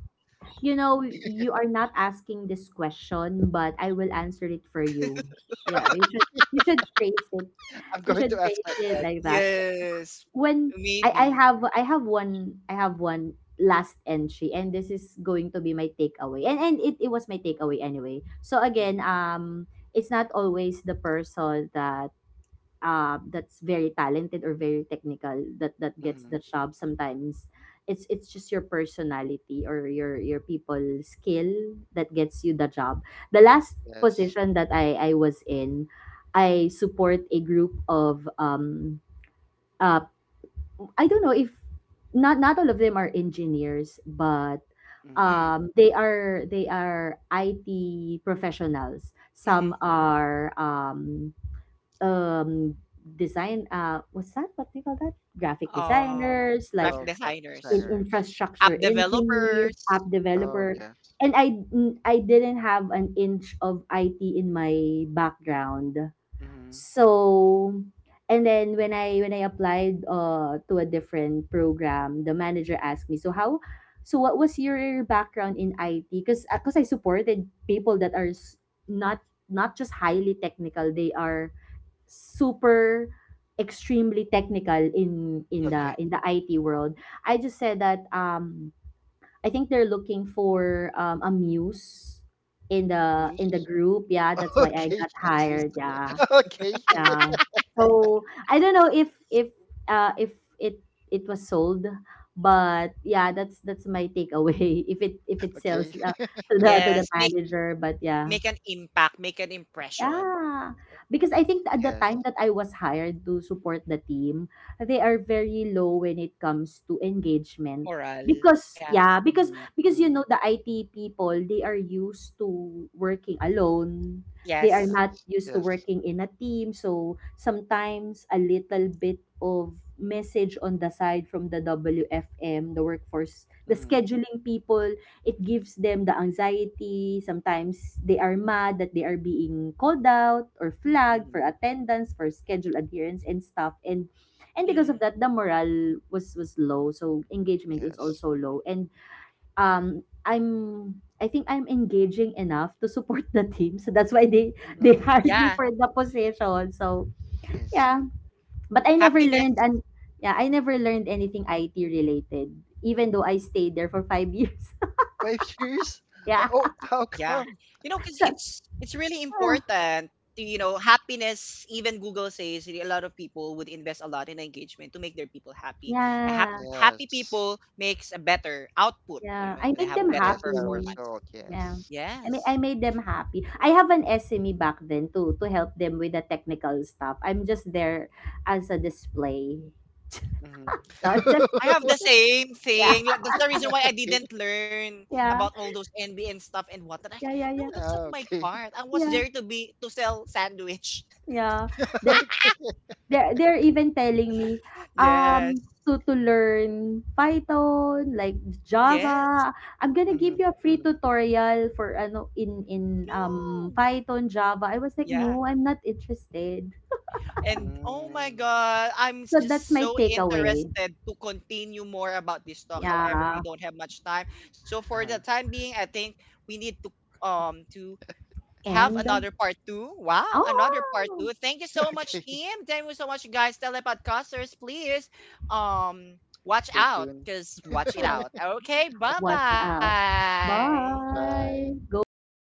S2: you know you are not asking this question, but I will answer it for you. Yeah, you should, you
S3: *laughs*
S2: should phrase it,
S3: I'm
S2: you
S3: going to
S2: should
S3: ask
S2: phrase it
S3: myself.
S2: like that
S1: Yes,
S2: when, I
S1: maybe.
S2: have, I have one last entry, and this is going to be my takeaway, and it, it was my takeaway anyway. So again,
S3: Mm,
S2: it's not always the person that, that's very talented or very technical that that gets the
S3: mm,
S2: job. Sometimes it's just your personality or your people skill that gets you the job. The last
S3: yes.
S2: position that I was in, I support a group of uh, I don't know if, not, not all of them are engineers, but
S3: Mm.
S1: Mm,
S2: they are, they are IT professionals. Some
S1: mhm.
S2: are um, design. What's that? What do you call that? Graphic
S1: Um,
S2: designers, like
S3: Oh,
S1: graphic
S3: graphic
S2: in
S1: designers,
S3: designers.
S2: infrastructure
S1: app
S2: engineers, app
S1: developers.
S3: Oh,
S2: developer.
S3: yes.
S2: And I didn't have an inch of IT in my background.
S3: Mm,
S2: So, and then when I applied to a different program, the manager asked me, "So how so what was your background in IT?" Cuz I supported people that are, not not just highly technical, they are super extremely technical in
S3: okay.
S1: Mm-hmm.
S2: the IT world. I just said that I think they're looking for a muse in the
S3: Amuse.
S2: group. Yeah,
S3: *laughs*
S2: that's why I
S3: Okay,
S2: got
S3: I'm used.
S2: hired.
S3: *laughs*
S2: Yeah.
S3: Okay.
S2: Yeah.
S3: *laughs*
S2: So I don't know if, if it, it was sold, but yeah, that's my takeaway. *laughs* If it, if it
S3: Okay.
S2: sells,
S3: *laughs*
S2: to the, to the
S1: Yes, make
S2: manager, but yeah.
S1: make an impact, make an impression.
S2: Yeah, because I think at the
S3: Yes.
S2: time that I was hired to support the team, they are very low when it comes to engagement.
S1: Moral.
S2: Because
S1: Yeah.
S2: yeah, because
S3: Mhm,
S2: because you
S3: mhm.
S2: know the IT people, they are used to working alone. They are not
S1: Yes.
S3: Yes.
S2: used to
S3: Yes.
S2: working in a team, so sometimes a little bit of message on the side from the WFM, the workforce, the
S3: Mhm,
S2: scheduling people, it gives them the anxiety. Sometimes they are mad that they are being called out or flagged for
S3: mhm.
S2: attendance, for schedule adherence and stuff. And because of
S1: Mm.
S2: that, the morale was low. So engagement is
S3: Yes.
S2: also low. And I'm I think I'm engaging enough to support the team. So that's why they
S3: Mm,
S2: hired me for the
S1: Yeah.
S2: position. So
S3: I see.
S2: yeah. But I never learned. And
S1: Happiness.
S2: yeah, I never learned anything IT related, even though I stayed there for 5 years.
S3: 5 years?
S2: *laughs* yeah.
S3: Oh, how
S1: Yeah.
S3: come?
S1: You know, because
S2: So,
S1: it's really
S2: ah.
S1: important. To, You know, happiness. Even Google says really a lot of people would invest a lot in engagement to make their people happy. A
S2: Yeah,
S1: happy
S3: Yes.
S1: people makes a better output. You
S2: yeah.
S1: know, they
S2: I
S1: have
S2: make them
S1: better
S3: Yes, the
S1: performance.
S2: happy.
S3: result.
S2: Yeah.
S3: Yes.
S1: Yes.
S2: I made them happy. I have an SME back then too to help them with the technical stuff. I'm just there as a display.
S3: Mm-hmm.
S2: *laughs* Not just
S1: I have the
S3: *laughs*
S1: same
S2: yeah,
S1: thing. Like, that's the reason why I
S3: Okay.
S1: didn't learn
S2: yeah.
S1: about all those NBN stuff and what. And I,
S2: Yeah, yeah,
S1: no,
S2: yeah.
S1: that's not my
S3: Okay.
S1: part. I was
S2: Yeah,
S1: there to be to sell sandwich.
S2: yeah.
S3: *laughs*
S2: They're
S1: *laughs*
S3: Okay.
S2: they're even telling me,
S1: Yes.
S2: to learn Python, like
S1: Yes.
S2: Java. I'm gonna
S3: Mm-hmm.
S2: give you a free
S3: Mm-hmm.
S2: tutorial for ano in
S1: No.
S2: Python, Java. I was like,
S1: Yeah.
S2: "No, I'm not interested."
S1: And oh my
S3: Mm-hmm.
S1: God,
S2: So that's
S1: just
S2: my
S1: so
S2: takeaway.
S1: interested to continue more about this talk. However,
S2: Yeah.
S1: we don't have much time. So for
S3: Uh-huh.
S1: the time being, I think we need to um to have
S2: And
S1: another part 2. Wow, another part
S2: oh,
S1: two. Thank you
S3: *laughs*
S1: so
S3: Okay.
S1: much, team. Thank you so much, guys. Telepodcasters, please um watch
S3: Stay
S1: out
S3: tuned.
S1: because
S2: watch
S1: watch it
S2: out!
S1: out. Okay, bye
S2: Watch out.
S1: bye.
S3: Bye.
S2: Bye. Go, go, go.